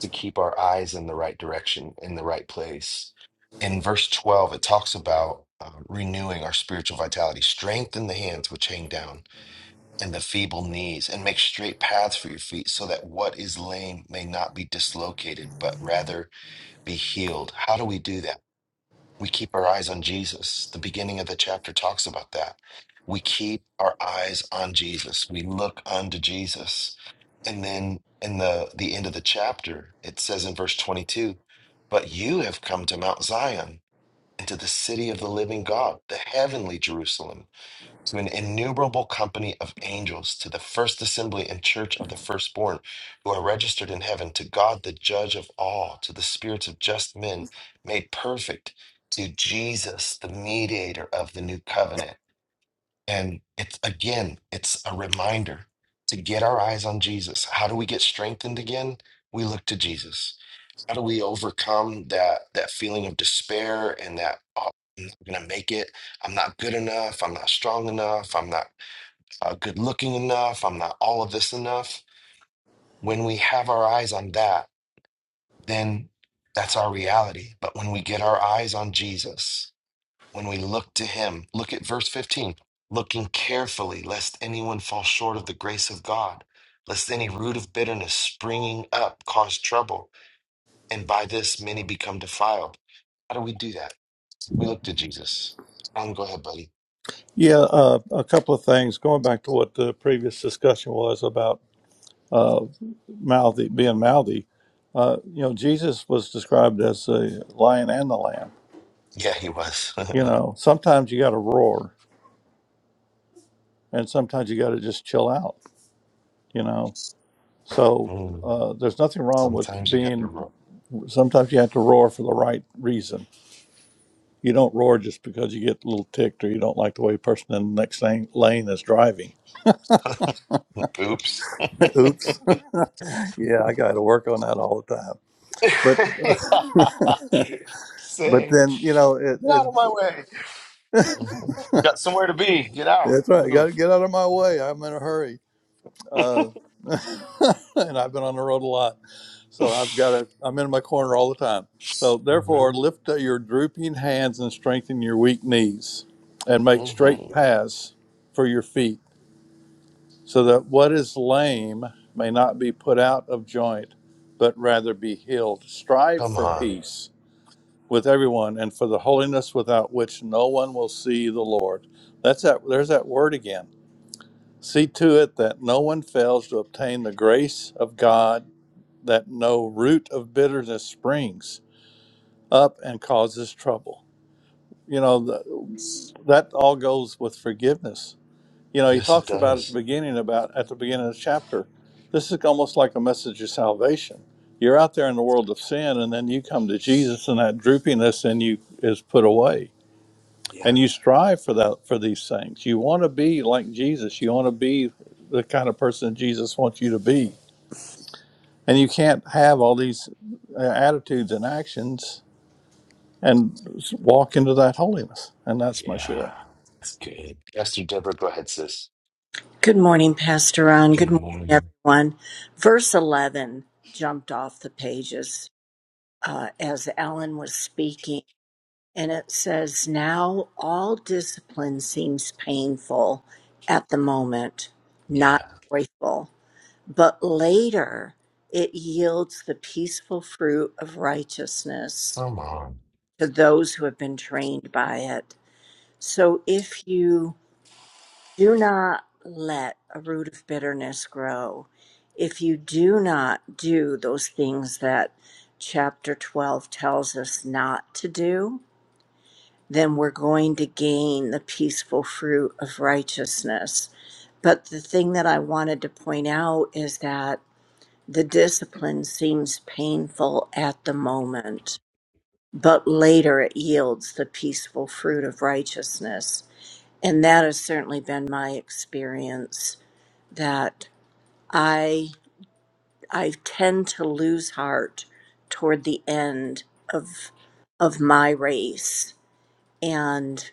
[SPEAKER 1] to keep our eyes in the right direction in the right place in verse 12 it talks about uh, renewing our spiritual vitality strengthen the hands which hang down and the feeble knees and make straight paths for your feet so that what is lame may not be dislocated but rather be healed how do we do that we keep our eyes on Jesus. The beginning of the chapter talks about that. We keep our eyes on Jesus. We look unto Jesus. And then in the, the end of the chapter, it says in verse 22 But you have come to Mount Zion, and to the city of the living God, the heavenly Jerusalem to an innumerable company of angels, to the first assembly and church of the firstborn who are registered in heaven, to God the judge of all, to the spirits of just men made perfect, to Jesus, the mediator of the new covenant. And it's again, it's a reminder to get our eyes on Jesus. How do we get strengthened again? We look to Jesus. How do we overcome that that feeling of despair and that oh, I'm not gonna make it? I'm not good enough. I'm not strong enough. I'm not uh, good looking enough. I'm not all of this enough. When we have our eyes on that, then that's our reality. But when we get our eyes on Jesus, when we look to him, look at verse 15, looking carefully, lest anyone fall short of the grace of God, lest any root of bitterness springing up cause trouble, and by this many become defiled. How do we do that? We look to Jesus. Um, go ahead, buddy.
[SPEAKER 8] Yeah, uh, a couple of things. Going back to what the previous discussion was about uh, mouthy, being mouthy, uh, you know, Jesus was described as the lion and the lamb.
[SPEAKER 1] Yeah, he was.
[SPEAKER 8] You know, sometimes you got to roar, and sometimes you got to just chill out. You know, so
[SPEAKER 1] Mm,
[SPEAKER 8] uh, there's nothing wrong with
[SPEAKER 1] Sometimes you gotta
[SPEAKER 8] being.
[SPEAKER 1] roll.
[SPEAKER 8] Sometimes you have to roar for the right reason. You don't roar just because you get a little ticked or you don't like the way the person in the next lane, lane is driving.
[SPEAKER 1] Oops.
[SPEAKER 8] Oops. yeah, I got to work on that all the time. But but
[SPEAKER 1] Say,
[SPEAKER 8] then you know it,
[SPEAKER 1] get out
[SPEAKER 8] it
[SPEAKER 1] of my way. Got somewhere to be. Get out.
[SPEAKER 8] That's right. Got to
[SPEAKER 1] Move.
[SPEAKER 8] get out of my way. I'm in a hurry. Uh, and I've been on the road a lot. So I've got to, I'm in my corner all the time. So
[SPEAKER 1] hmm
[SPEAKER 8] therefore, lift up your drooping hands and strengthen your weak knees and make
[SPEAKER 1] hmm
[SPEAKER 8] straight paths for your feet so that what is lame may not be put out of joint, but rather be healed. Strive
[SPEAKER 1] Come
[SPEAKER 8] for
[SPEAKER 1] on.
[SPEAKER 8] peace with everyone and for the holiness without which no one will see the Lord. That's that, there's that word again See to it that no one fails to obtain the grace of God, that no root of bitterness springs up and causes trouble. You know, the, that all goes with forgiveness. You know, he
[SPEAKER 1] Yes, it
[SPEAKER 8] talks about at the
[SPEAKER 1] does.
[SPEAKER 8] beginning about at the beginning of the chapter. This is almost like a message of salvation. You're out there in the world of sin, and then you come to Jesus, and that droopiness in you is put away
[SPEAKER 1] Yeah.
[SPEAKER 8] and you strive for that for these things you want to be like jesus you want to be the kind of person jesus wants you to be and you can't have all these uh, attitudes and actions and s- walk into that holiness and that's my
[SPEAKER 1] Yeah.
[SPEAKER 8] share
[SPEAKER 1] That's good. Esther Deborah, go ahead, sis.
[SPEAKER 11] Good morning, Pastor Ron. Good
[SPEAKER 1] Good
[SPEAKER 11] morning,
[SPEAKER 1] morning.
[SPEAKER 11] everyone. Verse 11 jumped off the pages uh, as Alan was speaking, and it says, Now all discipline seems painful at the moment, not
[SPEAKER 1] Yeah.
[SPEAKER 11] joyful, but later it yields the peaceful fruit of righteousness
[SPEAKER 1] Come on.
[SPEAKER 11] to those who have been trained by it. So if you Do not let a root of bitterness grow if you do not do those things that chapter 12 tells us not to do. Then we're going to gain the peaceful fruit of righteousness. But the thing that I wanted to point out is that the discipline seems painful at the moment, but later it yields the peaceful fruit of righteousness. And that has certainly been my experience that I I tend to lose heart toward the end of of my race and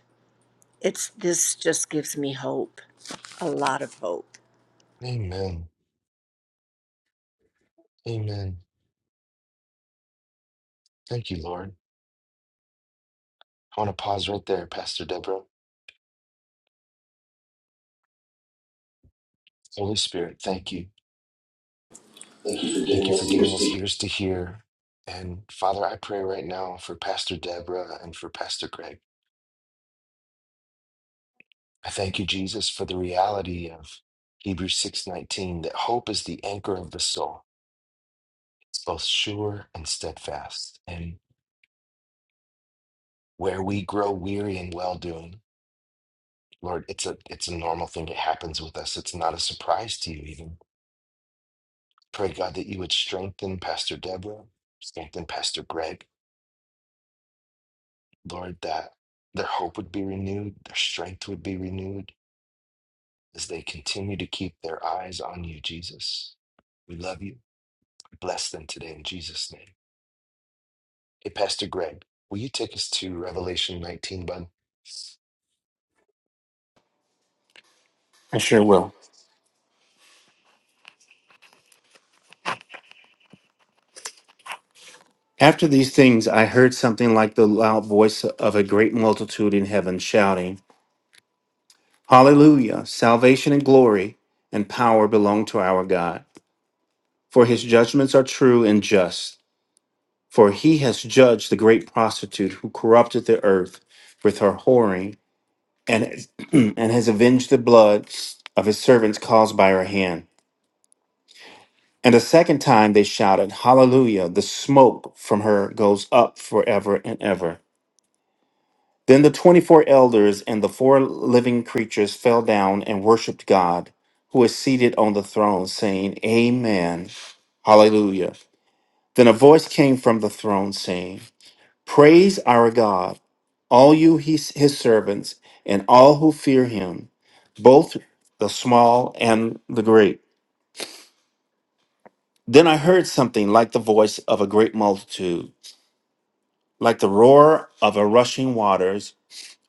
[SPEAKER 11] it's this just gives me hope a lot of hope
[SPEAKER 1] Amen. Amen. Thank you, Lord. I want to pause right there, Pastor Deborah. Holy Spirit, thank you.
[SPEAKER 4] Thank you for
[SPEAKER 1] Thank
[SPEAKER 4] giving
[SPEAKER 1] you
[SPEAKER 4] us
[SPEAKER 1] for giving
[SPEAKER 4] ears
[SPEAKER 1] us ears to hear. And Father, I pray right now for Pastor Deborah and for Pastor Greg. I thank you, Jesus, for the reality of Hebrews 6:19, that hope is the anchor of the soul. It's both sure and steadfast. And where we grow weary in well-doing, Lord, it's a it's a normal thing. It happens with us. It's not a surprise to you even. Pray, God, that you would strengthen Pastor Deborah, strengthen Pastor Greg, Lord, that their hope would be renewed, their strength would be renewed as they continue to keep their eyes on you, Jesus. We love you. Bless them today in Jesus' name. Hey, Pastor Greg, will you take us to Revelation 19, bud?
[SPEAKER 12] I sure will. After these things, I heard something like the loud voice of a great multitude in heaven shouting, Hallelujah! Salvation and glory and power belong to our God, for his judgments are true and just. For he has judged the great prostitute who corrupted the earth with her whoring, and, and has avenged the blood of his servants caused by her hand. And a second time they shouted, Hallelujah! The smoke from her goes up forever and ever. Then the 24 elders and the four living creatures fell down and worshiped God, who is seated on the throne, saying, Amen. Hallelujah. Then a voice came from the throne saying, Praise our God, all you his, his servants, and all who fear him, both the small and the great. Then I heard something like the voice of a great multitude, like the roar of a rushing waters,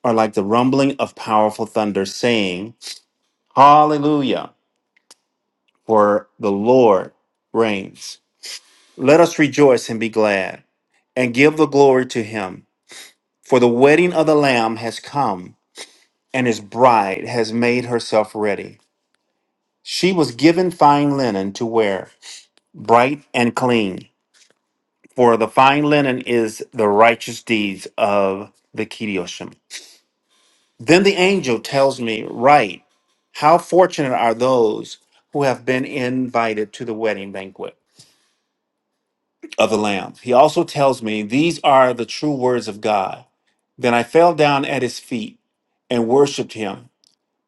[SPEAKER 12] or like the rumbling of powerful thunder, saying, Hallelujah. For the Lord reigns. Let us rejoice and be glad and give the glory to him. For the wedding of the Lamb has come, and his bride has made herself ready. She was given fine linen to wear, bright and clean. For the fine linen is the righteous deeds of the Kedioshim. Then the angel tells me, Right, how fortunate are those who have been invited to the wedding banquet. of the Lamb. He also tells me, These are the true words of God. Then I fell down at his feet and worshiped him.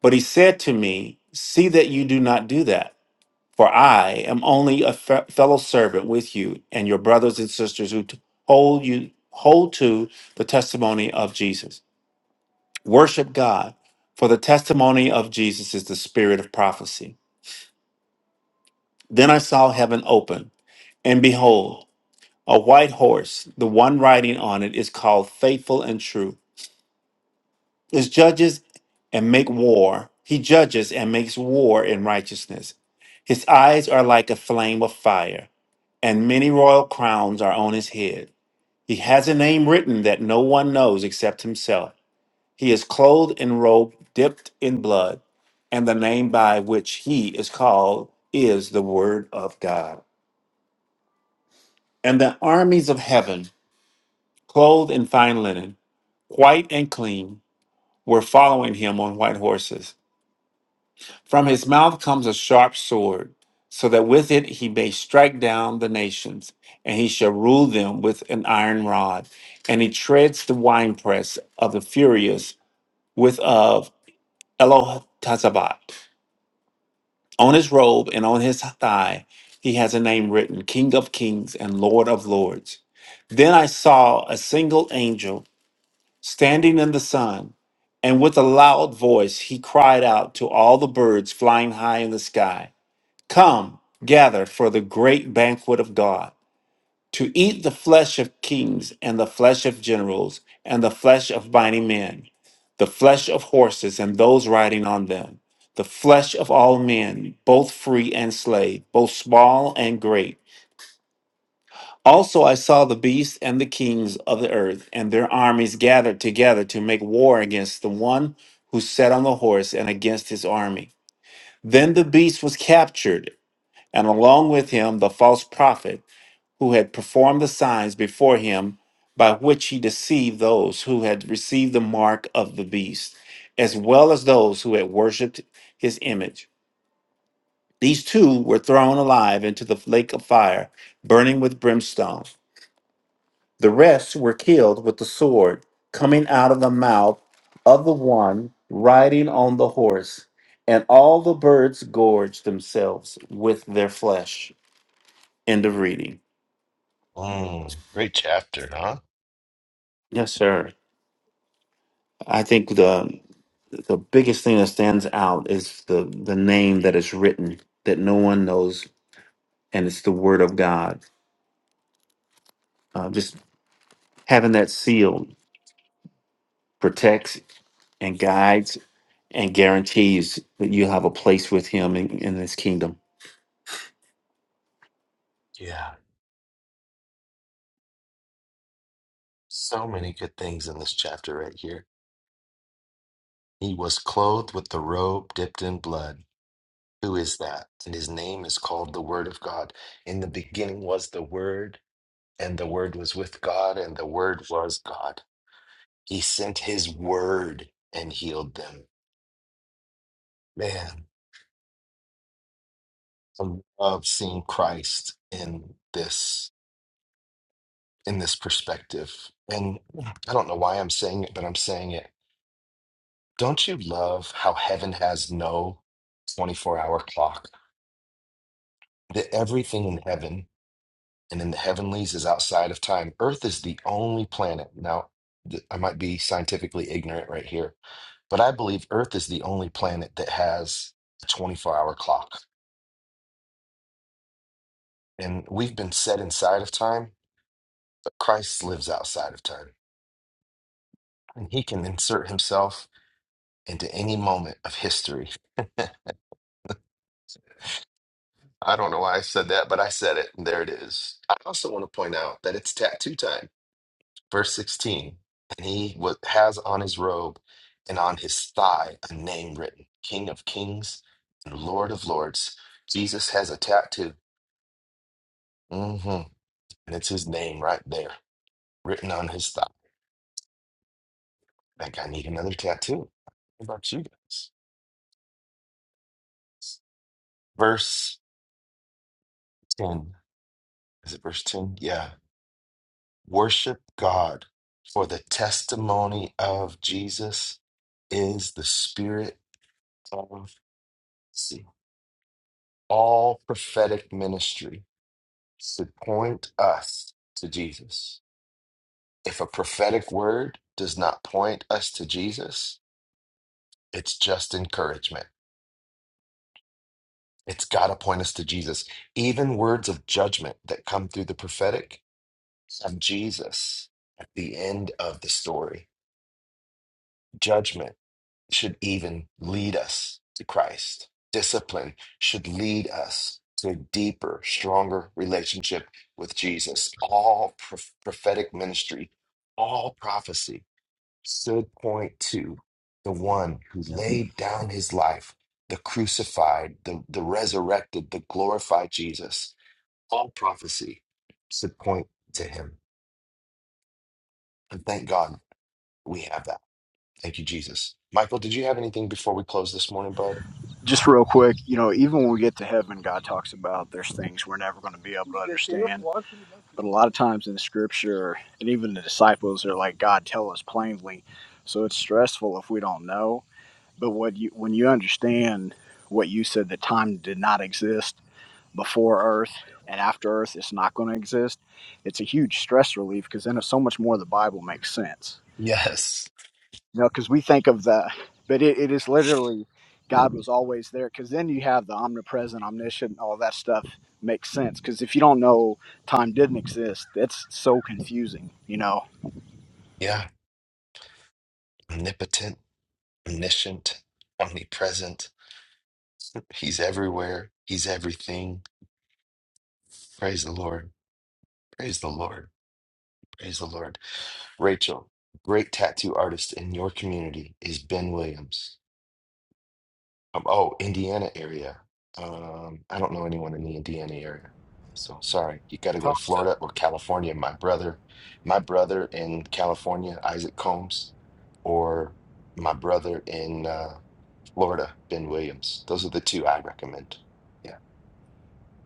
[SPEAKER 12] But he said to me, See that you do not do that, for I am only a fe- fellow servant with you and your brothers and sisters who t- hold you hold to the testimony of Jesus. Worship God, for the testimony of Jesus is the spirit of prophecy. Then I saw heaven open, and behold, A white horse, the one riding on it, is called faithful and true. Is judges and make war. He judges and makes war in righteousness. His eyes are like a flame of fire, and many royal crowns are on his head. He has a name written that no one knows except himself. He is clothed in robe dipped in blood, and the name by which he is called is the Word of God. And the armies of heaven, clothed in fine linen white and clean, were following him on white horses. From his mouth comes a sharp sword, so that with it he may strike down the nations, and he shall rule them with an iron rod. And he treads the winepress of the furious with of Elohazabat. On his robe and on his thigh he has a name written, King of Kings and Lord of Lords. Then I saw a single angel standing in the sun, and with a loud voice he cried out to all the birds flying high in the sky Come, gather for the great banquet of God, to eat the flesh of kings, and the flesh of generals, and the flesh of mighty men, the flesh of horses and those riding on them, the flesh of all men, both free and slave, both small and great also, I saw the beast and the kings of the earth and their armies gathered together to make war against the one who sat on the horse and against his army. Then the beast was captured, and along with him the false prophet who had performed the signs before him by which he deceived those who had received the mark of the beast, as well as those who had worshipped his image. These two were thrown alive into the lake of fire, burning with brimstone. The rest were killed with the sword coming out of the mouth of the one riding on the horse, and all the birds gorged themselves with their flesh. End of reading.
[SPEAKER 1] Mm, great chapter, huh?
[SPEAKER 12] Yes, sir. I think the the biggest thing that stands out is the the name that is written that no one knows, and it's the Word of God. Uh, just having that seal protects and guides and guarantees that you have a place with Him in, in His kingdom.
[SPEAKER 1] Yeah. So many good things in this chapter right here. He was clothed with the robe dipped in blood. Who is that? And his name is called the Word of God. In the beginning was the Word, and the Word was with God, and the Word was God. He sent his Word and healed them. Man, I love seeing Christ in this in this perspective. And I don't know why I'm saying it, but I'm saying it. Don't you love how heaven has no 24 hour clock? That everything in heaven and in the heavenlies is outside of time. Earth is the only planet. Now, th- I might be scientifically ignorant right here, but I believe Earth is the only planet that has a 24 hour clock. And we've been set inside of time, but Christ lives outside of time. And he can insert himself into any moment of history. I don't know why I said that, but I said it. And there it is. I also want to point out that it's tattoo time. verse 16 and he wa- has on his robe and on his thigh a name written king of kings and lord of lords jesus has a tattoo hmm and it's his name right there written on his thigh think i need another tattoo what about you guys verse 10 is it verse 10 yeah worship god for the testimony of jesus is the spirit of see all prophetic ministry should point us to Jesus. If a prophetic word does not point us to Jesus, it's just encouragement. It's got to point us to Jesus. Even words of judgment that come through the prophetic have Jesus at the end of the story. Judgment should even lead us to Christ. Discipline should lead us to a deeper, stronger relationship with Jesus. All pro- prophetic ministry, all prophecy should point to the one who laid down his life, the crucified, the, the resurrected, the glorified Jesus. All prophecy should point to him. And thank God we have that. Thank you, Jesus. Michael, did you have anything before we close this morning, bud?
[SPEAKER 7] just real quick, you know, even when we get to heaven, God talks about there's things we're never going to be able to understand. But a lot of times in scripture, and even the disciples are like, God, tell us plainly. So it's stressful if we don't know. But what you, when you understand what you said, that time did not exist before Earth and after Earth, it's not going to exist. It's a huge stress relief because then so much more of the Bible makes sense
[SPEAKER 1] Yes.
[SPEAKER 7] you know because we think of the but it, it is literally god was always there because then you have the omnipresent omniscient all that stuff makes sense because if you don't know time didn't exist that's so confusing you know
[SPEAKER 1] Yeah. Omnipotent, omniscient, omnipresent. He's everywhere. He's everything. Praise the Lord. Praise the Lord. Praise the Lord. Rachel, great tattoo artist in your community is Ben Williams. Um, oh, Indiana area. Um, I don't know anyone in the Indiana area. So sorry, you got to go
[SPEAKER 3] Talk.
[SPEAKER 1] to Florida or California. My brother, my brother in California, Isaac Combs, or my brother in uh, Florida, Ben Williams. Those are the two I recommend. Yeah,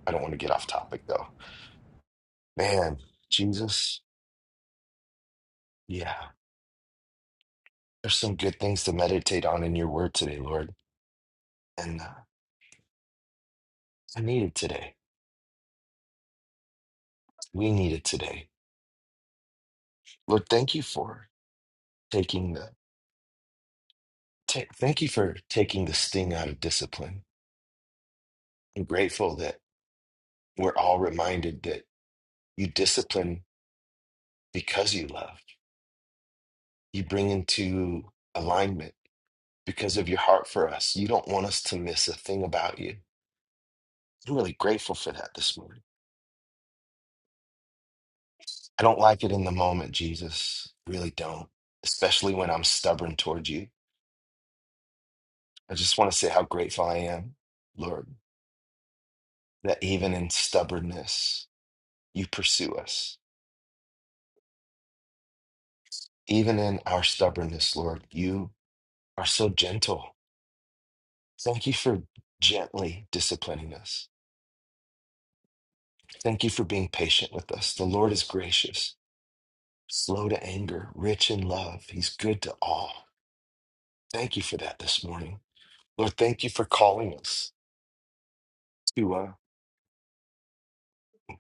[SPEAKER 1] I don't want to get off topic though. Man, Jesus, yeah, there's some good things to meditate on in your word today, Lord. and. uh, I need it today. We need it today. Lord, thank you for taking the ta- thank you for taking the sting out of discipline. I'm grateful that we're all reminded that you discipline because you love. You bring into alignment because of your heart for us. You don't want us to miss a thing about you. I'm really grateful for that this morning. I don't like it in the moment, Jesus. Really don't. Especially when I'm stubborn towards you. I just want to say how grateful I am, Lord. that even in stubbornness, you pursue us. Even in our stubbornness, Lord, you are so gentle. Thank you for gently disciplining us. Thank you for being patient with us. The Lord is gracious, slow to anger, rich in love. He's good to all. Thank you for that this morning. Lord, thank you for calling us to uh,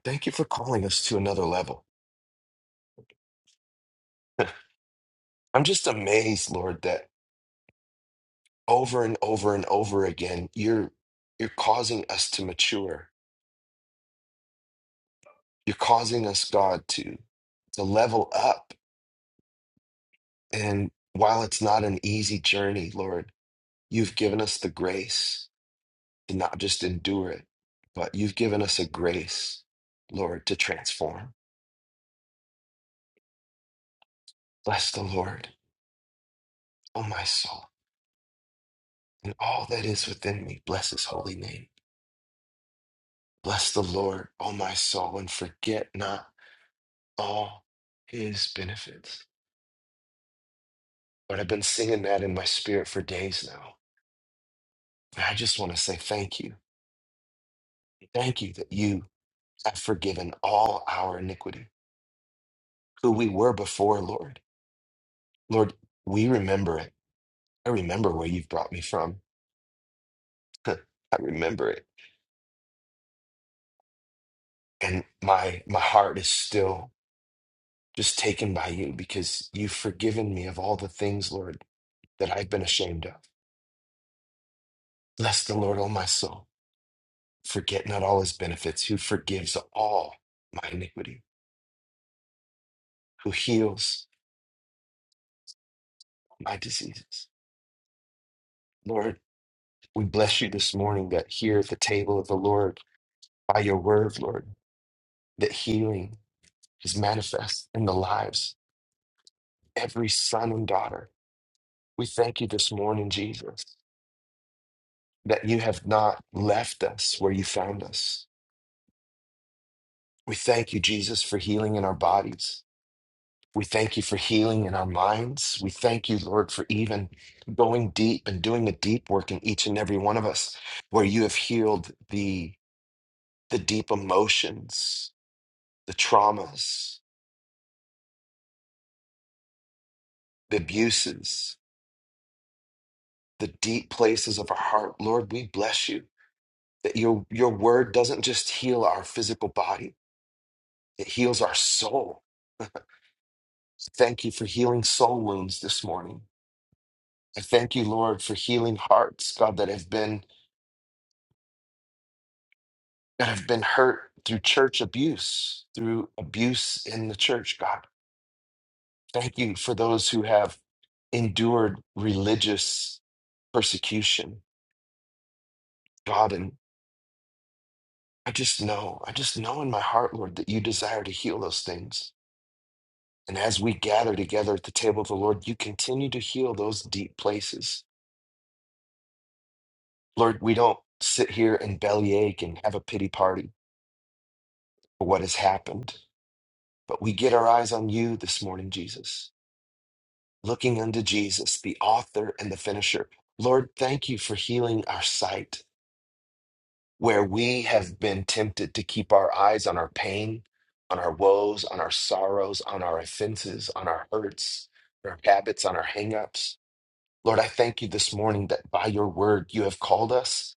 [SPEAKER 1] thank you for calling us to another level. I'm just amazed, Lord, that over and over and over again, you're you're causing us to mature You're causing us, God, to, to level up. And while it's not an easy journey, Lord, you've given us the grace to not just endure it, but you've given us a grace, Lord, to transform. Bless the Lord, O my soul, and all that is within me. Bless his holy name. Bless the Lord, O my soul, and forget not all his benefits. Lord, I've been singing that in my spirit for days now. And I just want to say thank you. Thank you that you have forgiven all our iniquity, who we were before, Lord. Lord, we remember it. I remember where you've brought me from. I remember it. And my my heart is still just taken by you because you've forgiven me of all the things, Lord, that I've been ashamed of. Bless the Lord, O my soul. Forget not all his benefits, who forgives all my iniquity, who heals my diseases. Lord, we bless you this morning that here at the table of the Lord, by your word, Lord. that healing is manifest in the lives of every son and daughter. We thank you this morning, Jesus, that you have not left us where you found us. We thank you, Jesus, for healing in our bodies. We thank you for healing in our minds. We thank you, Lord, for even going deep and doing a deep work in each and every one of us, where you have healed the, the deep emotions, the traumas, the abuses, the deep places of our heart. Lord, we bless you that your your word doesn't just heal our physical body it heals our soul thank you for healing soul wounds this morning i thank you lord for healing hearts god that have been that have been hurt through church abuse through abuse in the church god thank you for those who have endured religious persecution god and i just know i just know in my heart lord that you desire to heal those things And as we gather together at the table of the Lord, you continue to heal those deep places. Lord, we don't sit here and bellyache and have a pity party for what has happened, but we get our eyes on you this morning, Jesus, looking unto Jesus, the author and the finisher. Lord, thank you for healing our sight where we have been tempted to keep our eyes on our pain, on our woes, on our sorrows, on our offenses, on our hurts, our habits, on our hangups. Lord, I thank you this morning that by your word you have called us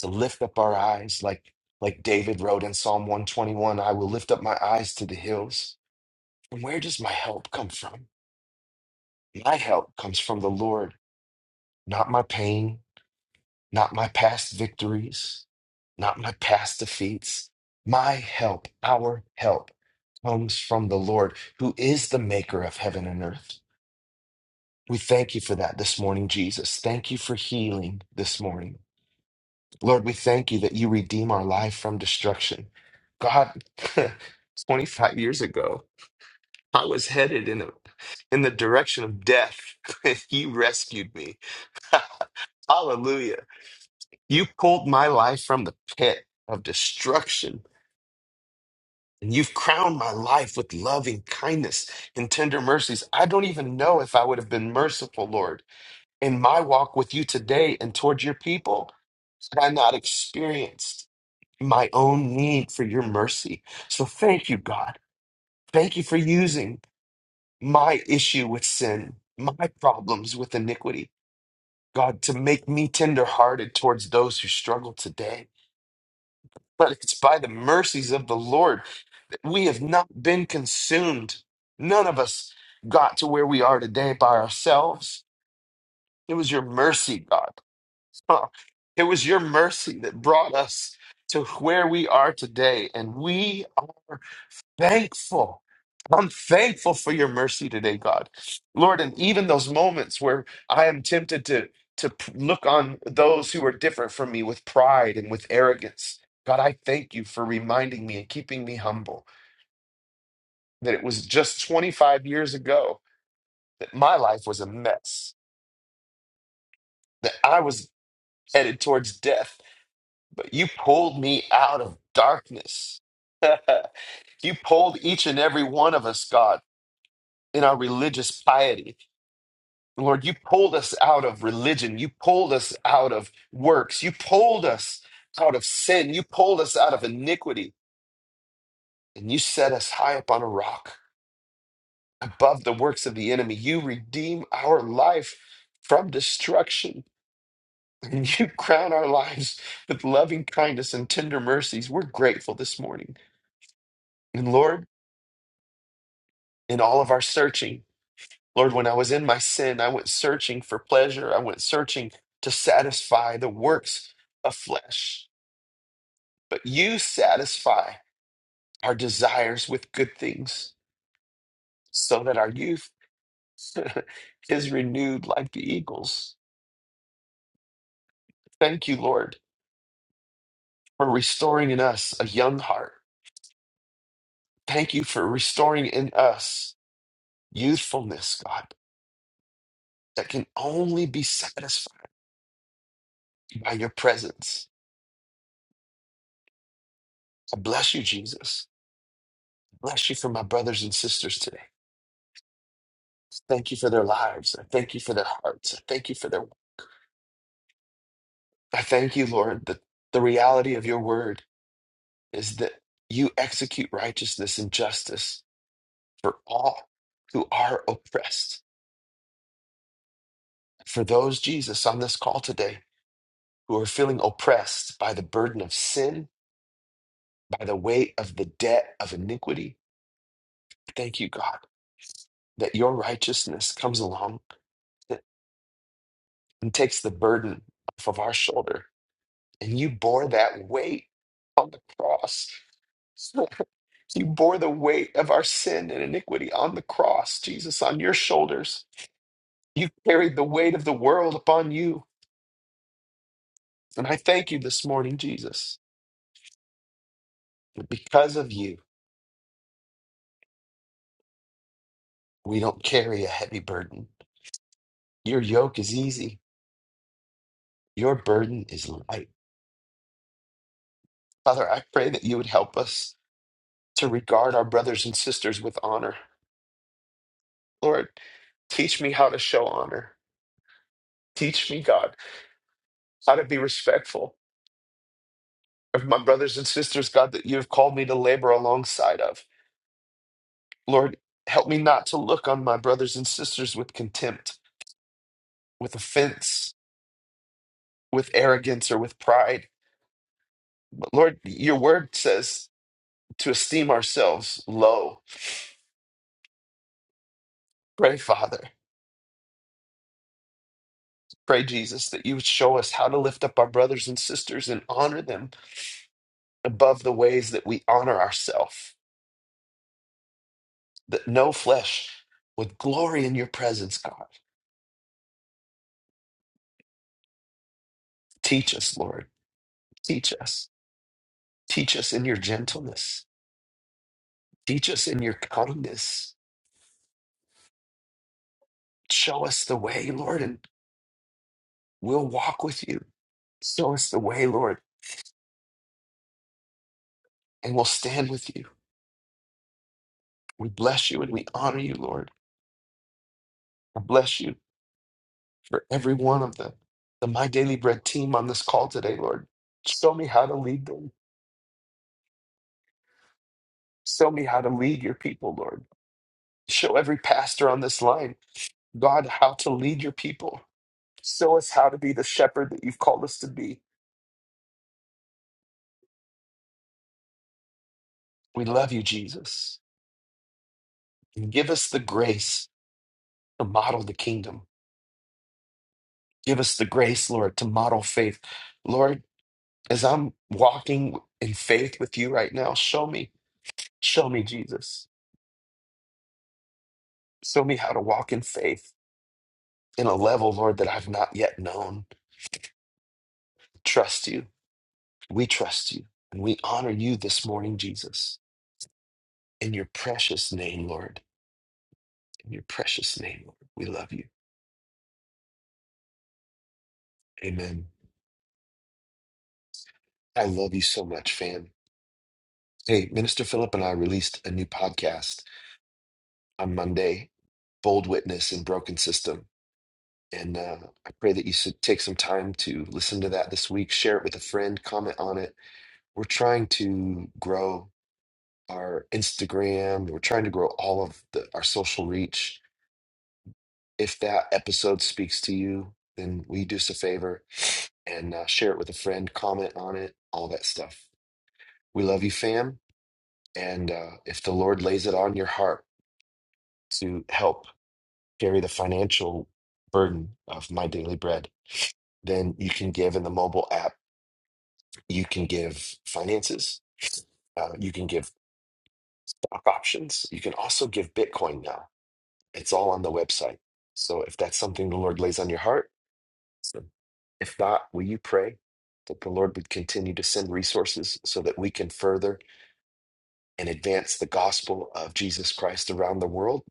[SPEAKER 1] to lift up our eyes like like David wrote in Psalm 121, I will lift up my eyes to the hills. And where does my help come from? My help comes from the Lord, not my pain, not my past victories, not my past defeats. My help, our help comes from the Lord, who is the maker of heaven and earth. We thank you for that this morning, Jesus. Thank you for healing this morning. Lord, we thank you that you redeem our life from destruction. God, 25 years ago, I was headed in the, in the direction of death. you rescued me. Hallelujah. You pulled my life from the pit of destruction. And you've crowned my life with loving kindness and tender mercies. I don't even know if I would have been merciful, Lord, in my walk with you today and toward your people had I not experienced. my own need for your mercy. So thank you, God. Thank you for using my issue with sin, my problems with iniquity, God, to make me tenderhearted towards those who struggle today. But it's by the mercies of the Lord that we have not been consumed. None of us got to where we are today by ourselves. It was your mercy, God. Huh. It was your mercy that brought us to where we are today. And we are thankful. I'm thankful for your mercy today, God. Lord, and even those moments where I am tempted to to p- look on those who are different from me with pride and with arrogance. God, I thank you for reminding me and keeping me humble that it was just 25 years ago that my life was a mess, that I was headed towards death, but you pulled me out of darkness. you pulled each and every one of us, God, in our religious piety Lord, you pulled us out of religion. You pulled us out of works. You pulled us out of sin. You pulled us out of iniquity. And you set us high up on a rock above the works of the enemy. You redeem our life from destruction. And you crown our lives with loving kindness and tender mercies. We're grateful this morning. And Lord, in all of our searching, Lord, when I was in my sin, I went searching for pleasure. I went searching to satisfy the works of flesh. But you satisfy our desires with good things so that our youth is renewed like the eagles. Thank you, Lord, for restoring in us a young heart. Thank you for restoring in us youthfulness, God, that can only be satisfied by your presence. I bless you, Jesus. Bless you for my brothers and sisters today. Thank you for their lives. I thank you for their hearts. I thank you for their. I thank you, Lord, that the reality of your word is that you execute righteousness and justice for all who are oppressed. For those, Jesus, on this call today who are feeling oppressed by the burden of sin, by the weight of the debt of iniquity, thank you, God, that your righteousness comes along and takes the burden off of our shoulder. And you bore that weight on the cross. You bore the weight of our sin and iniquity on the cross, Jesus, on your shoulders You carried the weight of the world upon you. And I thank you this morning, Jesus. that Because of you, we don't carry a heavy burden. Your yoke is easy, your burden is light. Father, I pray that you would help us to regard our brothers and sisters with honor. Lord, teach me how to show honor. Teach me, God, how to be respectful of my brothers and sisters, God, that you have called me to labor alongside of. Lord, help me not to look on my brothers and sisters with contempt, with offense with arrogance or with pride. But Lord, your word says to esteem ourselves low. Pray, Father, pray, Jesus, that you would show us how to lift up our brothers and sisters and honor them above the ways that we honor ourselves, that no flesh would glory in your presence, God. Teach us, Lord. Teach us. Teach us in your gentleness. Teach us in your kindness. Show us the way, Lord, and we'll walk with you. Show us the way, Lord, and we'll stand with you. We bless you and we honor you, Lord. I bless you for every one of the, the My Daily Bread team on this call today, Lord. Show me how to lead them. Show me how to lead your people, Lord. Show every pastor on this line, God, how to lead your people. Show us how to be the shepherd that you've called us to be. We love you, Jesus. And give us the grace to model the kingdom. Give us the grace, Lord, to model faith. Lord, as I'm walking in faith with you right now, show me, show me, Jesus. Show me how to walk in faith in a level, Lord, that I've not yet known. Trust you. We trust you. And we honor you this morning, Jesus. In your precious name, Lord. In your precious name, Lord. We love you. Amen. I love you so much, fam. Hey, Minister Philip and I released a new podcast on Monday, Bold Witness and Broken System. And uh, I pray that you should take some time to listen to that this week, share it with a friend, comment on it. We're trying to grow our Instagram. We're trying to grow all of the, our social reach. If that episode speaks to you, then will you do us a favor and uh, share it with a friend, comment on it, all that stuff. We love you, fam. And uh, if the Lord lays it on your heart to help carry the financial burden of my daily bread, then you can give in the mobile app. You can give finances. Uh, you can give stock options. You can also give Bitcoin now It's all on the website. So if that's something the Lord lays on your heart, so if not, will you pray that the Lord would continue to send resources so that we can further and advance the gospel of Jesus Christ around the world?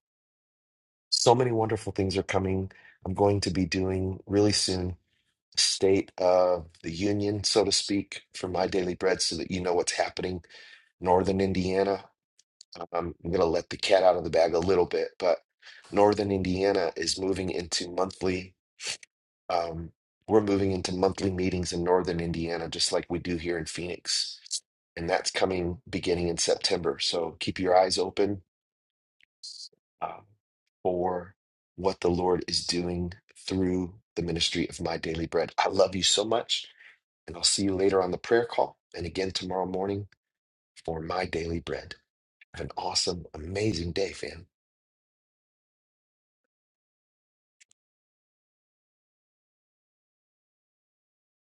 [SPEAKER 1] So many wonderful things are coming. I'm going to be doing really soon a state of the union, so to speak, for my daily bread so that you know what's happening. Northern Indiana, um, I'm going to let the cat out of the bag a little bit, but Northern Indiana is moving into monthly Um, we're moving into monthly meetings in Northern Indiana, just like we do here in Phoenix. And that's coming beginning in September. So keep your eyes open um, for what the Lord is doing through the ministry of My Daily Bread. I love you so much. And I'll see you later on the prayer call and again tomorrow morning for My Daily Bread. Have an awesome, amazing day, fam.